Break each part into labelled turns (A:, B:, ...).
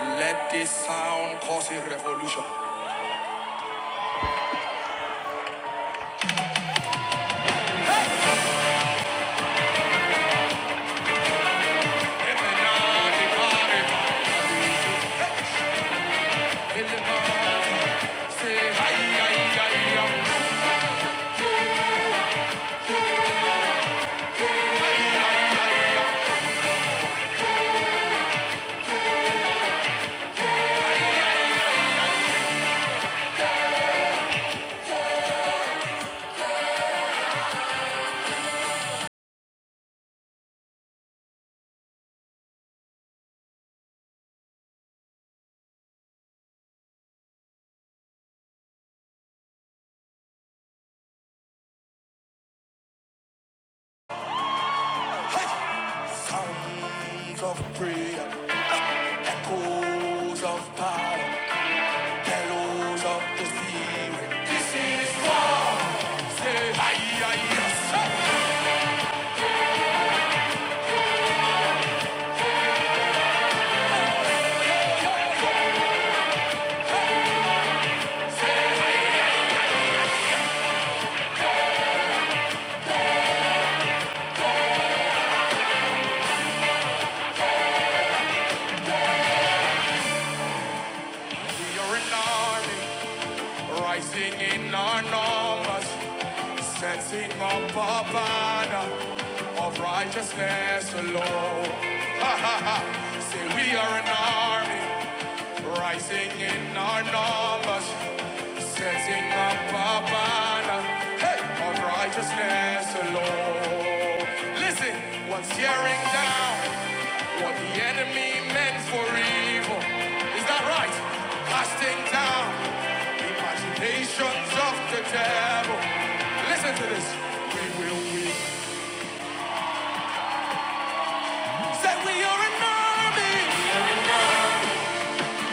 A: Let this sound cause a revolution. Sounds of prayer, echoes of power, bellows of the spirit. This is what say, yes. We are an army, rising in our numbers, setting up a banner of righteousness alone. Say we are an army, rising in our numbers, setting up a banner hey, of righteousness alone. Listen, what's tearing down what the enemy meant for evil? Is that right? Casting down imaginations of the devil. Listen to this. We will win. Say we are an army.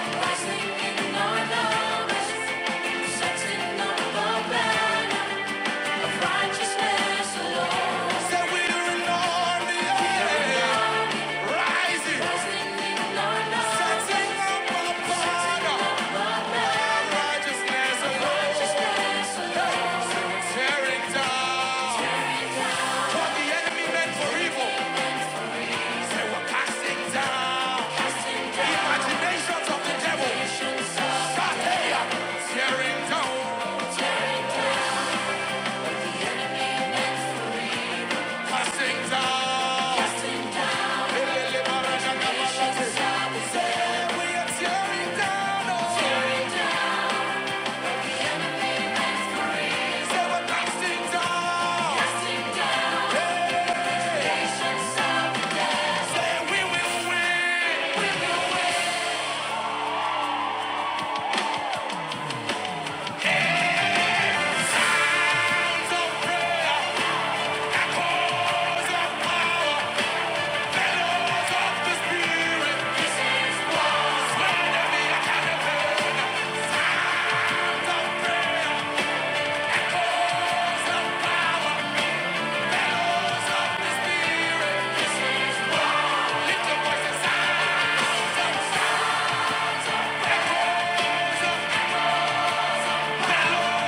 A: Rising in our numbers, setting up a banner. Righteousness alone. we're yeah. Rising. Setting up our banner. Our righteousness alone. Righteousness alone. Tearing down. the enemy meant for evil. we're casting down. Imaginations of the devil. Shatea. Tearing down. Casting down. Casting down. Lift your voice and say, "Lord,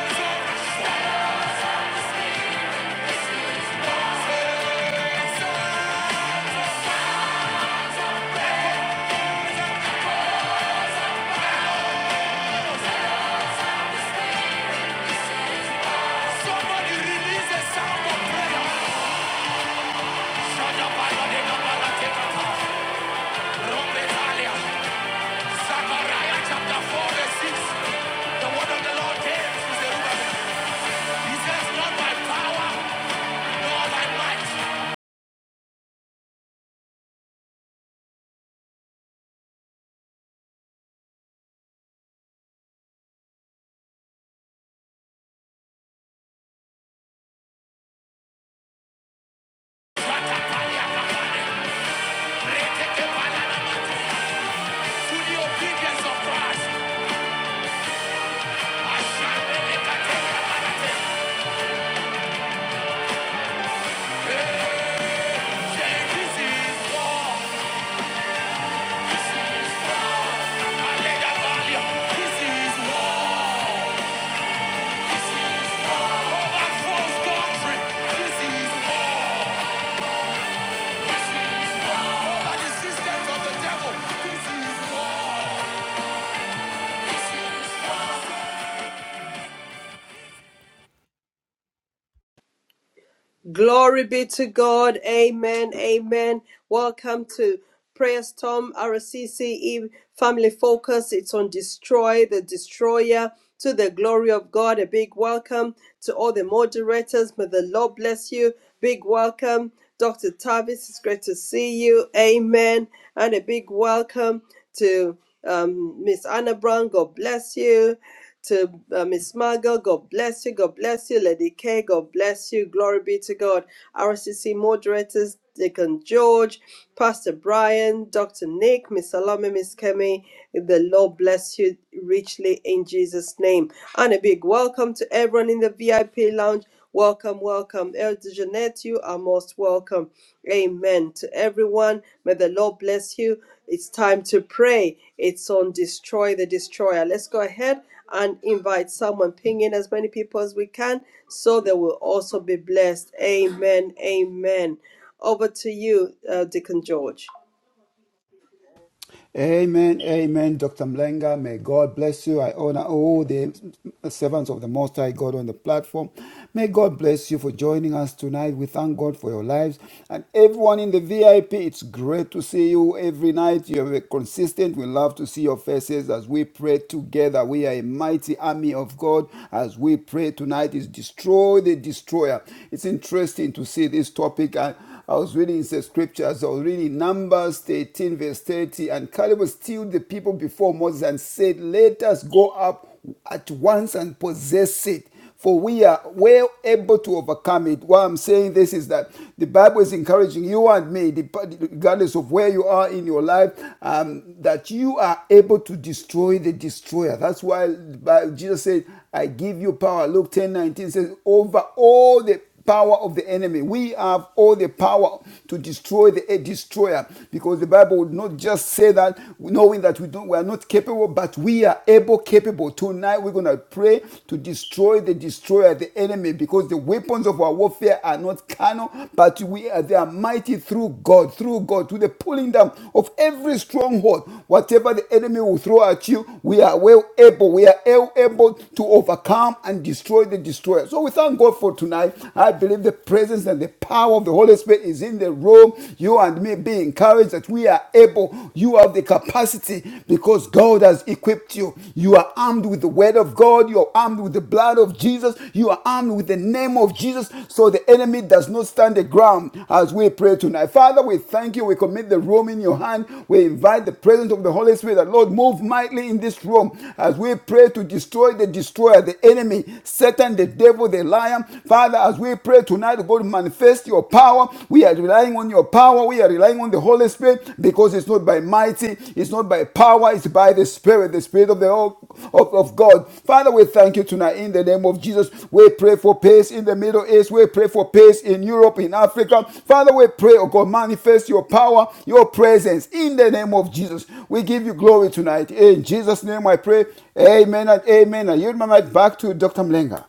A: it's over." Somebody release a sound of prayer. Rombetalia, Zechariah chapter 4, verse 6. The word of the Lord came to Zerubbabel. He says, Not by power, nor by might. Rekekebalana. To the obedience of Christ. Ashandelekatekebalate. Say, This is war. This is war. Alegabalia. This is war. Yeah.
B: Glory be to God. Amen. Amen. Welcome to Prayer Storm RCCE Family Focus. It's on Destroy the Destroyer to the glory of God. A big welcome to all the moderators. May the Lord bless you. Big welcome. Dr. Tavis, it's great to see you. Amen. And a big welcome to um, Miss Anna Brown. God bless you to uh, Miss Margot. God bless you. God bless you. Lady K. God bless you. Glory be to God. RCC moderators, Deacon George, Pastor Brian, Dr. Nick, Miss Salome, Miss Kemi. The Lord bless you richly in Jesus' name. And a big welcome to everyone in the VIP lounge. Welcome, welcome. Elder Jeanette, you are most welcome. Amen. To everyone, may the Lord bless you. It's time to pray. It's on Destroy the Destroyer. Let's go ahead and invite someone, ping in as many people as we can, so they will also be blessed. Amen. Amen. Over to you, uh, Deacon George.
C: Amen, amen, Dr. Mlenga. May God bless you. I honor all the servants of the Most High God on the platform. May God bless you for joining us tonight. We thank God for your lives and everyone in the VIP. It's great to see you every night. You are consistent. We love to see your faces as we pray together. We are a mighty army of God as we pray tonight. Is destroy the destroyer. It's interesting to see this topic. I- I was reading the scriptures, I was reading Numbers eighteen verse 30, and Caleb stilled the people before Moses and said, Let us go up at once and possess it. For we are well able to overcome it. Why I'm saying this is that the Bible is encouraging you and me, regardless of where you are in your life, um, that you are able to destroy the destroyer. That's why Jesus said, I give you power. Luke 10 19 says, over all the power of the enemy. We have all the power to destroy the eh, destroyer because the Bible would not just say that knowing that we don't we are not capable, but we are able, capable. Tonight we're gonna pray to destroy the destroyer, the enemy, because the weapons of our warfare are not carnal, but we are they are mighty through God, through God, to the pulling down of every stronghold. Whatever the enemy will throw at you, we are well able, we are well able to overcome and destroy the destroyer. So we thank God for people tonight. I believe the presence and the power of the Holy Spirit is in the room. You and me be encouraged that we are able, you have the capacity because God has equipped you. You are armed with the word of God, you are armed with the blood of Jesus, you are armed with the name of Jesus, so the enemy does not stand the ground as we pray tonight. Father, we thank you. We commit the room in your hand. We invite the presence of the Holy Spirit. That Lord, move mightily in this room as we pray to destroy the destroyer, the enemy, Satan, the devil, the the lion. Father, as we pray tonight, God, manifest your power. We are relying on your power. We are relying on the Holy Spirit because it's not by mighty, it's not by power, it's by the Spirit, the Spirit of the of, of God. Father, we thank you tonight in the name of Jesus. We pray for peace in the Middle East. We pray for peace in Europe, in Africa. Father, we pray, oh God, manifest your power, your presence in the name of Jesus. We give you glory tonight. In Jesus' name I pray. Amen and amen. I yield my mic back to Dr. Mlenga.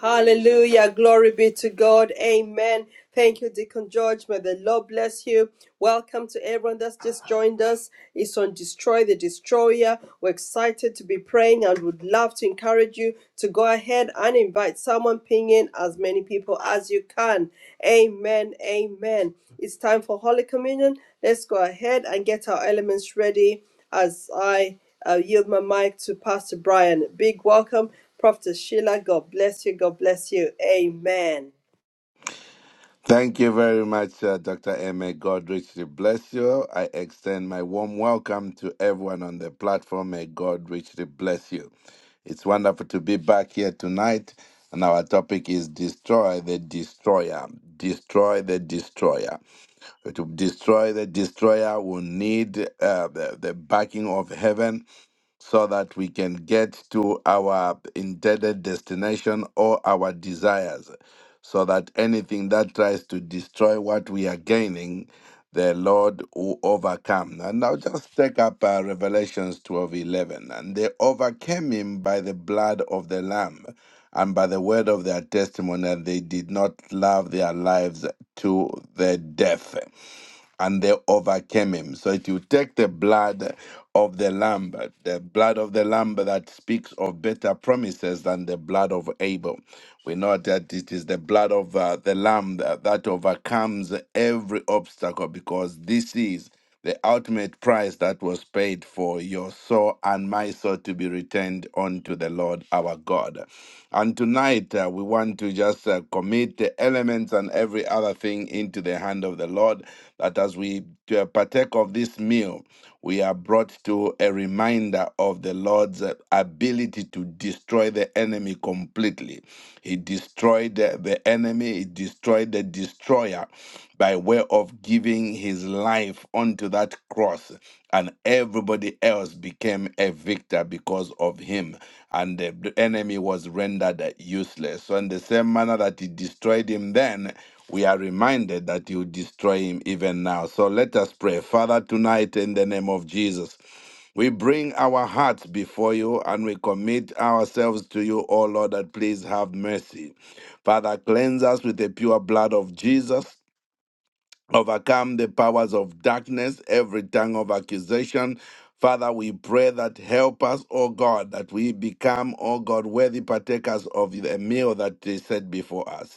B: Hallelujah. Glory be to God. Amen. Thank you, Deacon George. May the Lord bless you. Welcome to everyone that's just joined us. It's on Destroy the Destroyer. We're excited to be praying and would love to encourage you to go ahead and invite someone, ping in as many people as you can. Amen. Amen. It's time for Holy Communion. Let's go ahead and get our elements ready as I uh, yield my mic to Pastor Brian. Big welcome Prophet Sheila, God bless you. God bless you. Amen.
D: Thank you very much, uh, Dr. M. May God richly bless you. I extend my warm welcome to everyone on the platform. May God richly bless you. It's wonderful to be back here tonight, and our topic is Destroy the Destroyer. Destroy the Destroyer. To destroy the Destroyer, we need uh, the, the backing of heaven so that we can get to our intended destination or our desires, so that anything that tries to destroy what we are gaining, the Lord will overcome. And now just take up uh, Revelations 12 eleven. And they overcame him by the blood of the Lamb and by the word of their testimony, and they did not love their lives to the death and they overcame him. So it will take the blood of the lamb, the blood of the lamb that speaks of better promises than the blood of Abel. We know that it is the blood of uh, the lamb that, that overcomes every obstacle because this is the ultimate price that was paid for your soul and my soul to be returned unto the Lord our God. And tonight uh, we want to just uh, commit the elements and every other thing into the hand of the Lord, that as we uh, partake of this meal, we are brought to a reminder of the Lord's uh, ability to destroy the enemy completely. He destroyed the the enemy, he destroyed the destroyer by way of giving his life onto that cross. And everybody else became a victor because of him. And the the enemy was rendered useless. So, in the same manner that he destroyed him then, we are reminded that you destroy him even now. So let us pray. Father, tonight in the name of Jesus, we bring our hearts before you and we commit ourselves to you, O Lord, that please have mercy. Father, cleanse us with the pure blood of Jesus overcome the powers of darkness, every tongue of accusation. Father, we pray that help us, O God, that we become, O God, worthy partakers of the meal that is set before us.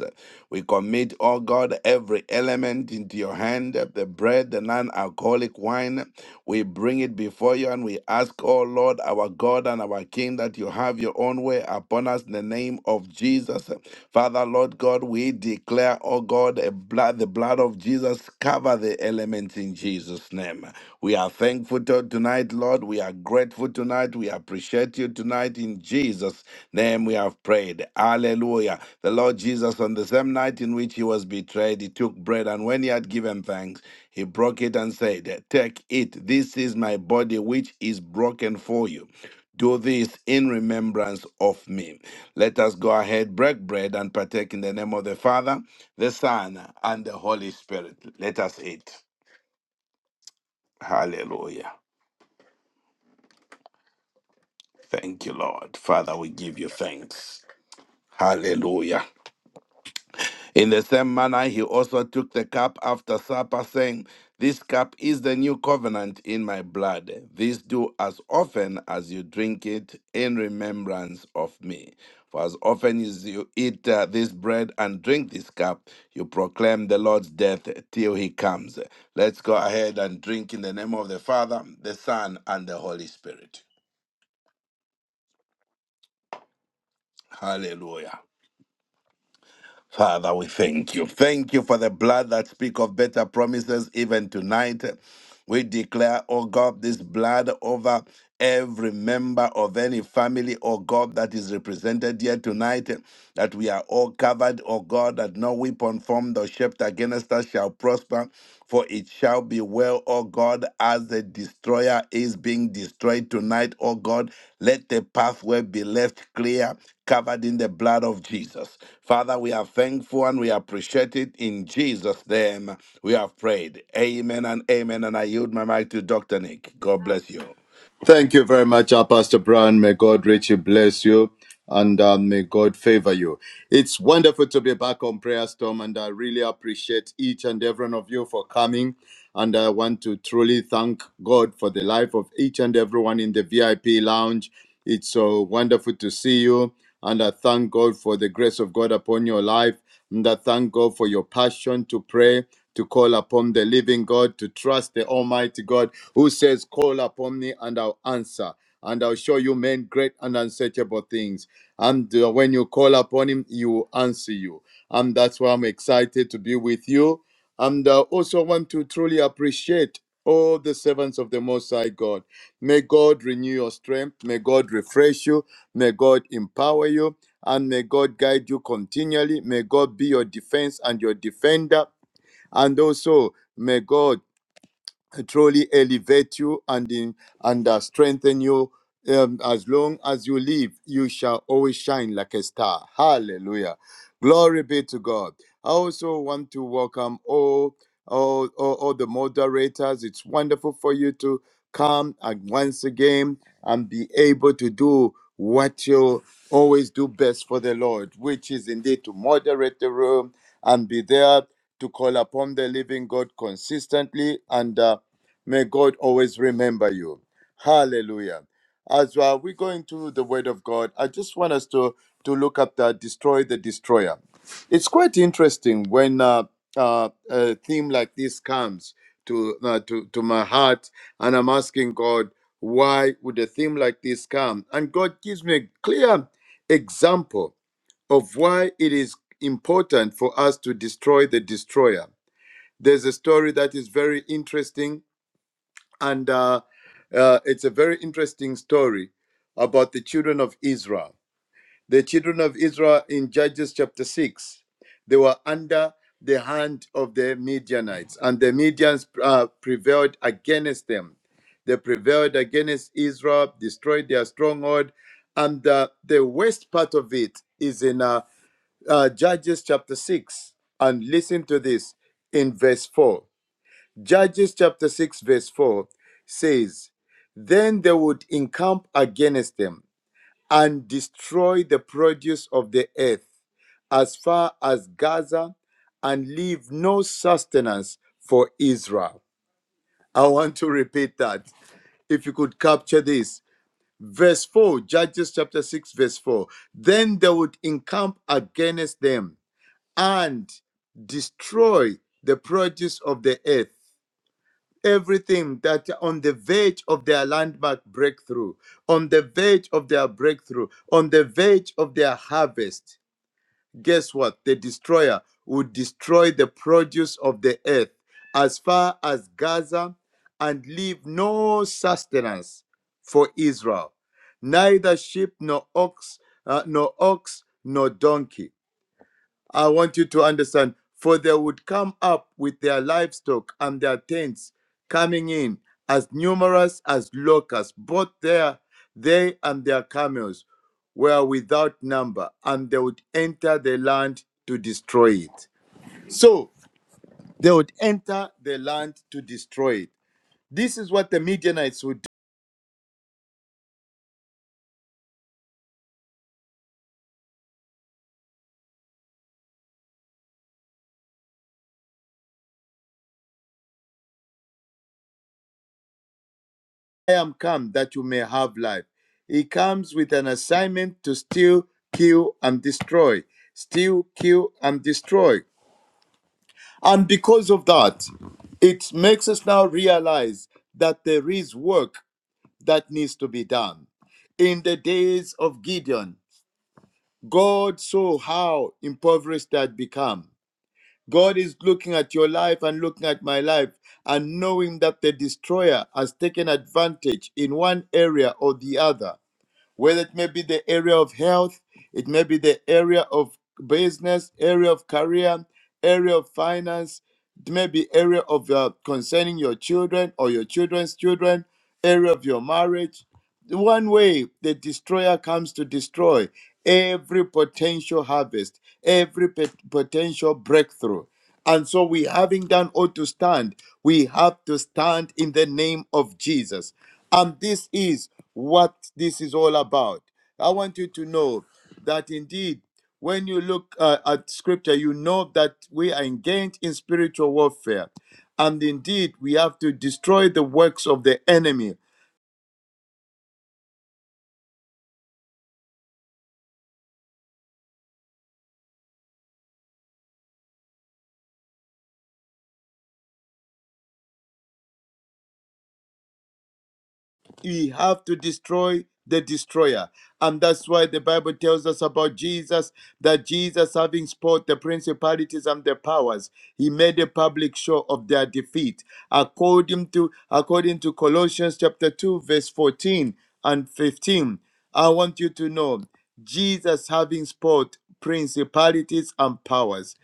D: We commit, O God, every element into your hand, the bread, the non alcoholic wine. We bring it before you and we ask, O O Lord, our God and our King, that you have your own way upon us in the name of Jesus. Father, Lord God, we declare, O God, a blood, the blood of Jesus cover the elements in Jesus' name. We are thankful to- tonight, Lord. We are grateful tonight. We appreciate you tonight. In Jesus' name we have prayed. Hallelujah. The Lord Jesus, on the same night in which he was betrayed, he took bread, and when he had given thanks, he broke it and said, Take it, this is my body which is broken for you. Do this in remembrance of me. Let us go ahead, break bread, and partake in the name of the Father, the Son, and the Holy Spirit. Let us eat. Hallelujah. Thank you, Lord. Father, we give you thanks. Hallelujah. In the same manner, he also took the cup after supper, saying, This cup is the new covenant in my blood. This do as often as you drink it in remembrance of me. For as often as you eat uh, this bread and drink this cup, you proclaim the Lord's death till he comes. Let's go ahead and drink in the name of the Father, the Son, and the Holy Spirit. Hallelujah. Father, we thank you. Thank you for the blood that speak of better promises even tonight. We declare, oh God, this blood over every member of any family, oh God, that is represented here tonight, that we are all covered, oh God, that no weapon formed or shaped against us shall prosper. For it shall be well, O God, as the destroyer is being destroyed tonight, O God. Let the pathway be left clear, covered in the blood of Jesus. Father, we are thankful and we appreciate it. In Jesus' name, we have prayed. Amen and amen. And I yield my mic to Dr. Nick. God bless you.
E: Thank you very much, uh, Pastor Brown. May God richly bless you and uh, may God favor you. It's wonderful to be back on Prayer Storm, and I really appreciate each and every one of you for coming. And I want to truly thank God for the life of each and everyone in the VIP lounge. It's so wonderful to see you. And I thank God for the grace of God upon your life. And I thank God for your passion to pray to call upon the living God, to trust the Almighty God who says, Call upon me and I'll answer, and I'll show you men great and unsearchable things. And uh, when you call upon Him, He will answer you. And that's why I'm excited to be with you. And I also want to truly appreciate all the servants of the Most High God. May God renew your strength. May God refresh you. May God empower you. And may God guide you continually. May God be your defense and your defender and also, may God truly elevate you and, in, and uh, strengthen you. Um, as long as you live, you shall always shine like a star. Hallelujah. Glory be to God. I also want to welcome all, all, all, all the moderators. It's wonderful for you to come and once again and be able to do what you always do best for the Lord, which is indeed to moderate the room and be there to call upon the living God consistently, and uh, may God always remember you. Hallelujah. As well, we going into the Word of God. I just want us to to look at the destroy the destroyer. It's quite interesting when uh, uh, a theme like this comes to uh, to to my heart, and I'm asking God, why would a theme like this come? And God gives me a clear example of why it is important for us to destroy the destroyer. There's a story that is very interesting, and uh, uh, it's a very interesting story about the children of Israel the children of Israel in Judges chapter 6. They were under the hand of the Midianites, and the Midians uh, prevailed against them. They prevailed against Israel, destroyed their stronghold, and uh, the worst part of it is in uh, uh, Judges chapter 6 and listen to this in verse 4. Judges chapter 6, verse 4 says, Then they would encamp against them and destroy the produce of the earth as far as Gaza and leave no sustenance for Israel. I want to repeat that. If you could capture this. Verse 4, Judges chapter 6, verse 4. Then they would encamp against them and destroy the produce of the earth everything that on the verge of their landmark breakthrough, on the verge of their breakthrough, on the verge of their harvest, guess what? The destroyer would destroy the produce of the earth as far as Gaza and leave no sustenance for Israel, neither sheep nor ox, uh, nor ox nor donkey. I want you to understand. For they would come up with their livestock and their tents, coming in as numerous as locusts. Both there, they and their camels were without number, and they would enter the land to destroy it. So they would enter the land to destroy it. This is what the Midianites would do. I am come that you may have life. He comes with an assignment to steal, kill, and destroy. Steal, kill, and destroy. And because of that, it makes us now realize that there is work that needs to be done. In the days of Gideon, God saw how impoverished they had become. God is looking at your life and looking at my life and knowing that the destroyer has taken advantage in one area or the other whether it may be the area of health, it may be the area of business, area of career, area of finance, it may be area of uh, concerning your children or your children's children, area of your marriage. The One way the destroyer comes to destroy every potential harvest, every pot- potential breakthrough. And so we having done all to stand, we have to stand in the name of Jesus. And this is what this is all about. I want you to know that indeed, when you look uh, at scripture, you know that we are engaged in spiritual warfare. And indeed, we have to destroy the works of the enemy. we have to destroy the destroyer. And that's why the Bible tells us about Jesus that Jesus, having spoiled the principalities and the powers, he made a public show of their defeat. According to according to Colossians chapter 2, verse 14 and 15. I want you to know Jesus having spoiled principalities and powers.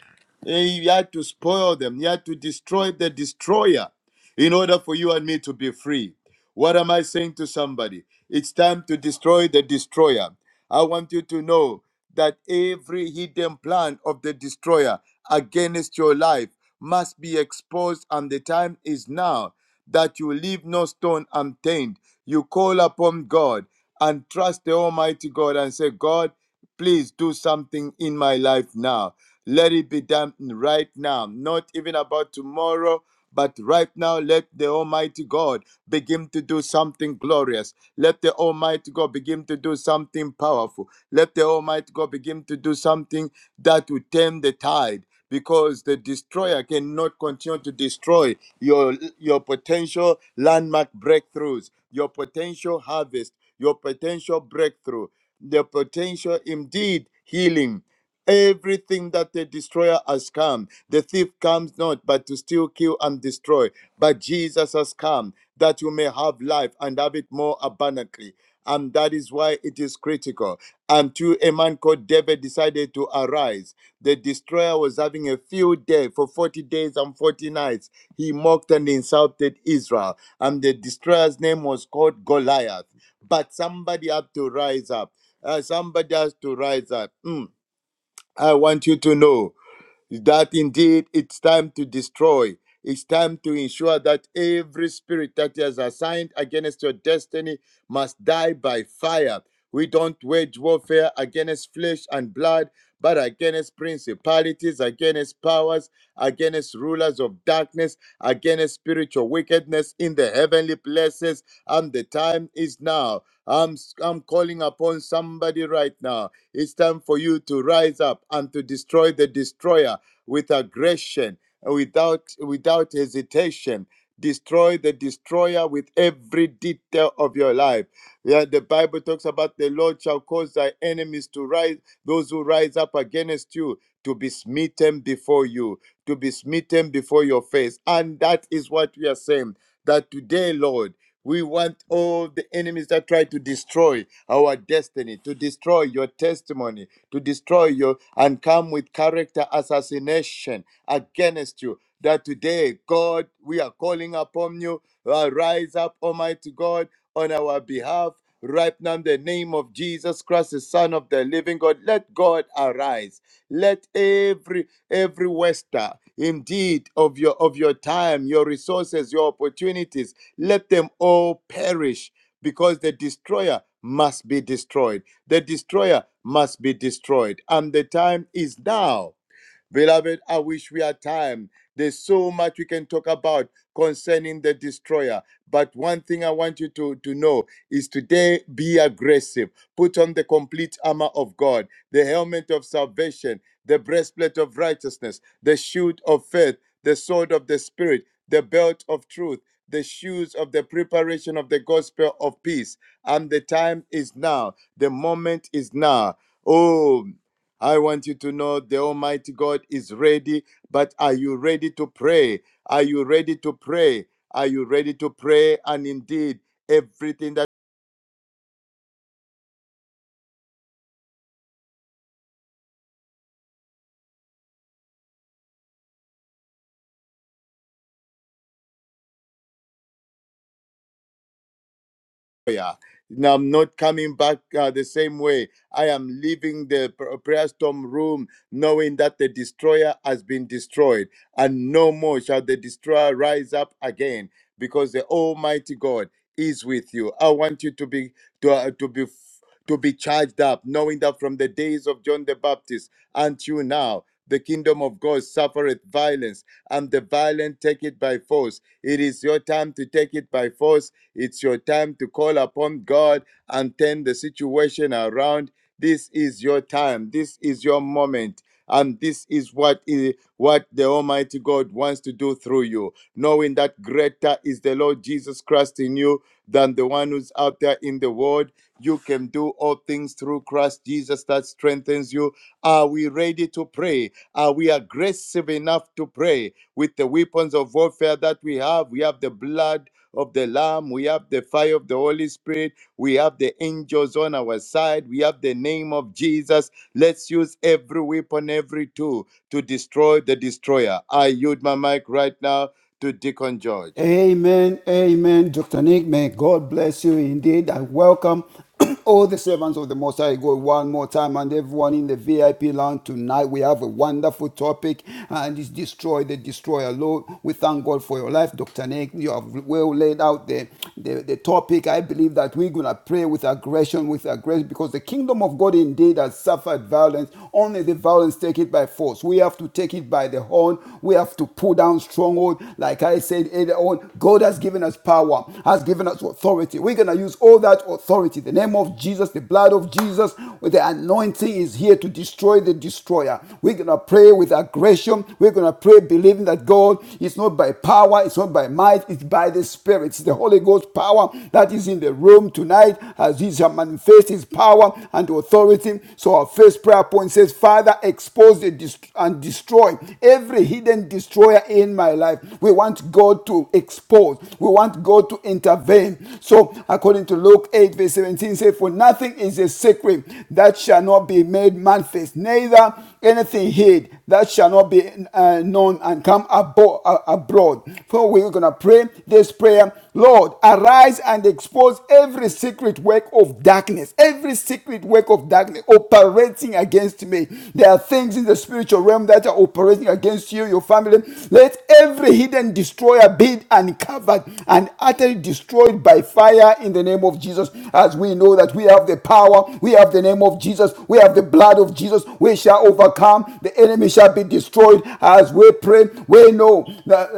E: He had to spoil them, he had to destroy the destroyer in order for you and me to be free. What am I saying to somebody? It's time to destroy the destroyer. I want you to know that every hidden plan of the destroyer against your life must be exposed, and the time is now that you leave no stone unturned. You call upon God and trust the Almighty God and say, God, please do something in my life now. Let it be done right now, not even about tomorrow, but right now, let the Almighty God begin to do something glorious. Let the Almighty God begin to do something powerful. Let the Almighty God begin to do something that will turn the tide because the destroyer cannot continue to destroy your your potential landmark breakthroughs, your potential harvest, your potential breakthrough, the potential indeed healing. Everything that the destroyer has come, the thief comes not but to steal, kill, and destroy. But Jesus has come that you may have life and have it more abundantly. And that is why it is critical. Until a man called David decided to arise, the destroyer was having a field day for 40 days and 40 nights. He mocked and insulted Israel, and the destroyer's name was called Goliath. But somebody had to rise up. Uh, somebody has to rise up. Mm. I want you to know that indeed it's time to destroy. It's time to ensure that every spirit that is assigned against your destiny must die by fire. We don't wage warfare against flesh and blood, but against principalities, against powers, against rulers of darkness, against spiritual wickedness in the heavenly places. And the time is now. I'm, I'm calling upon somebody right now. It's time for you to rise up and to destroy the destroyer with aggression, without, without hesitation. Destroy the destroyer with every detail of your life. Yeah, the Bible talks about the Lord shall cause thy enemies to rise, those who rise up against you to be smitten before you to be smitten before your face. And that is what we are saying that today, Lord, we want all the enemies that try to destroy our destiny, to destroy your testimony, to destroy your and come with character assassination against you. That today, God, we are calling upon you. Rise up, Almighty God on our behalf right now in the name of Jesus Christ, the Son of the Living God. Let God arise. Let every every waster, indeed, of your of your time, your resources, your opportunities, let them all perish because the destroyer must be destroyed. The destroyer must be destroyed, and the time is now. Beloved, I wish we had time. There's so much we can talk about concerning the destroyer. But one thing I want you to, to know is today be aggressive. Put on the complete armor of God, the helmet of salvation, the breastplate of righteousness, the shield of faith, the sword of the Spirit, the belt of truth, the shoes of the preparation of the gospel of peace. And the time is now. The moment is now. Oh, I want you to know the Almighty God is ready, but are you ready to pray? Are you ready to pray? Are you ready to pray? And indeed, everything that prayer. Now, I'm not coming back uh, the same way. I am leaving the pr- prayer storm room knowing that the destroyer has been destroyed, and no more shall the destroyer rise up again because the Almighty God is with you. I want you to be to, uh, to be to be charged up, knowing that from the days of John the Baptist until now, the kingdom of God suffereth violence, and the violent take it by force. It is your time to take it by force. It's your time to call upon God and turn the situation around. This is your time. This is your moment. And this is what is what the Almighty God wants to do through you, knowing that greater is the Lord Jesus Christ in you than the one who's out there in the world you can do all things through Christ Jesus that strengthens you. Are we ready to pray? Are we aggressive enough to pray with the weapons of warfare that we have? We have the blood of the Lamb, we have the fire of the Holy Spirit, we have the angels on our side, we have the name of Jesus. Let's use every weapon, every tool to destroy the destroyer. I yield my mic right now to Deacon George.
C: Amen, amen. Dr. Nick, may God bless you indeed. I welcome all the servants of the Most High God one more time and everyone in the VIP lounge tonight. We have a wonderful topic and it's Destroy the Destroyer. Lord, we thank God for your life, Dr. Nick. You have well laid out the, the, the topic. I believe that we're going to pray with aggression, with aggression, because the kingdom of God indeed has suffered violence. Only the violence take it by force. We have to take it by the horn stronghold. We have to pull down stronghold. Like I said earlier on, God has given us power, has given us authority. We're going to use all that authority. The name of Jesus, the blood of Jesus, with the anointing is here to destroy the destroyer. We're going to pray with aggression. We're going to pray believing that God is not by power, it's not by might, it's by the Spirit. It's the Holy Ghost power that is in the room tonight as He shall manifest His power and authority. So our first prayer point says, Father. Father, expose and destroy every hidden destroyer in my life. We want God to expose. We want God to intervene. So, according to Luke 8, verse 17, says, For nothing is a secret that shall not be made manifest, neither anything hid that shall not be uh, known and come abo- uh, abroad. For we're going to pray this prayer Lord, arise and expose every secret work of darkness, every secret secret work of darkness operating against me. There are things in the spiritual realm that are operating against you, your family. Let every hidden destroyer be uncovered and utterly destroyed by fire in the name of Jesus. As we know that we have the power, we have the name of Jesus, we have the blood of Jesus, we shall overcome, the enemy shall be destroyed. As we pray, we know that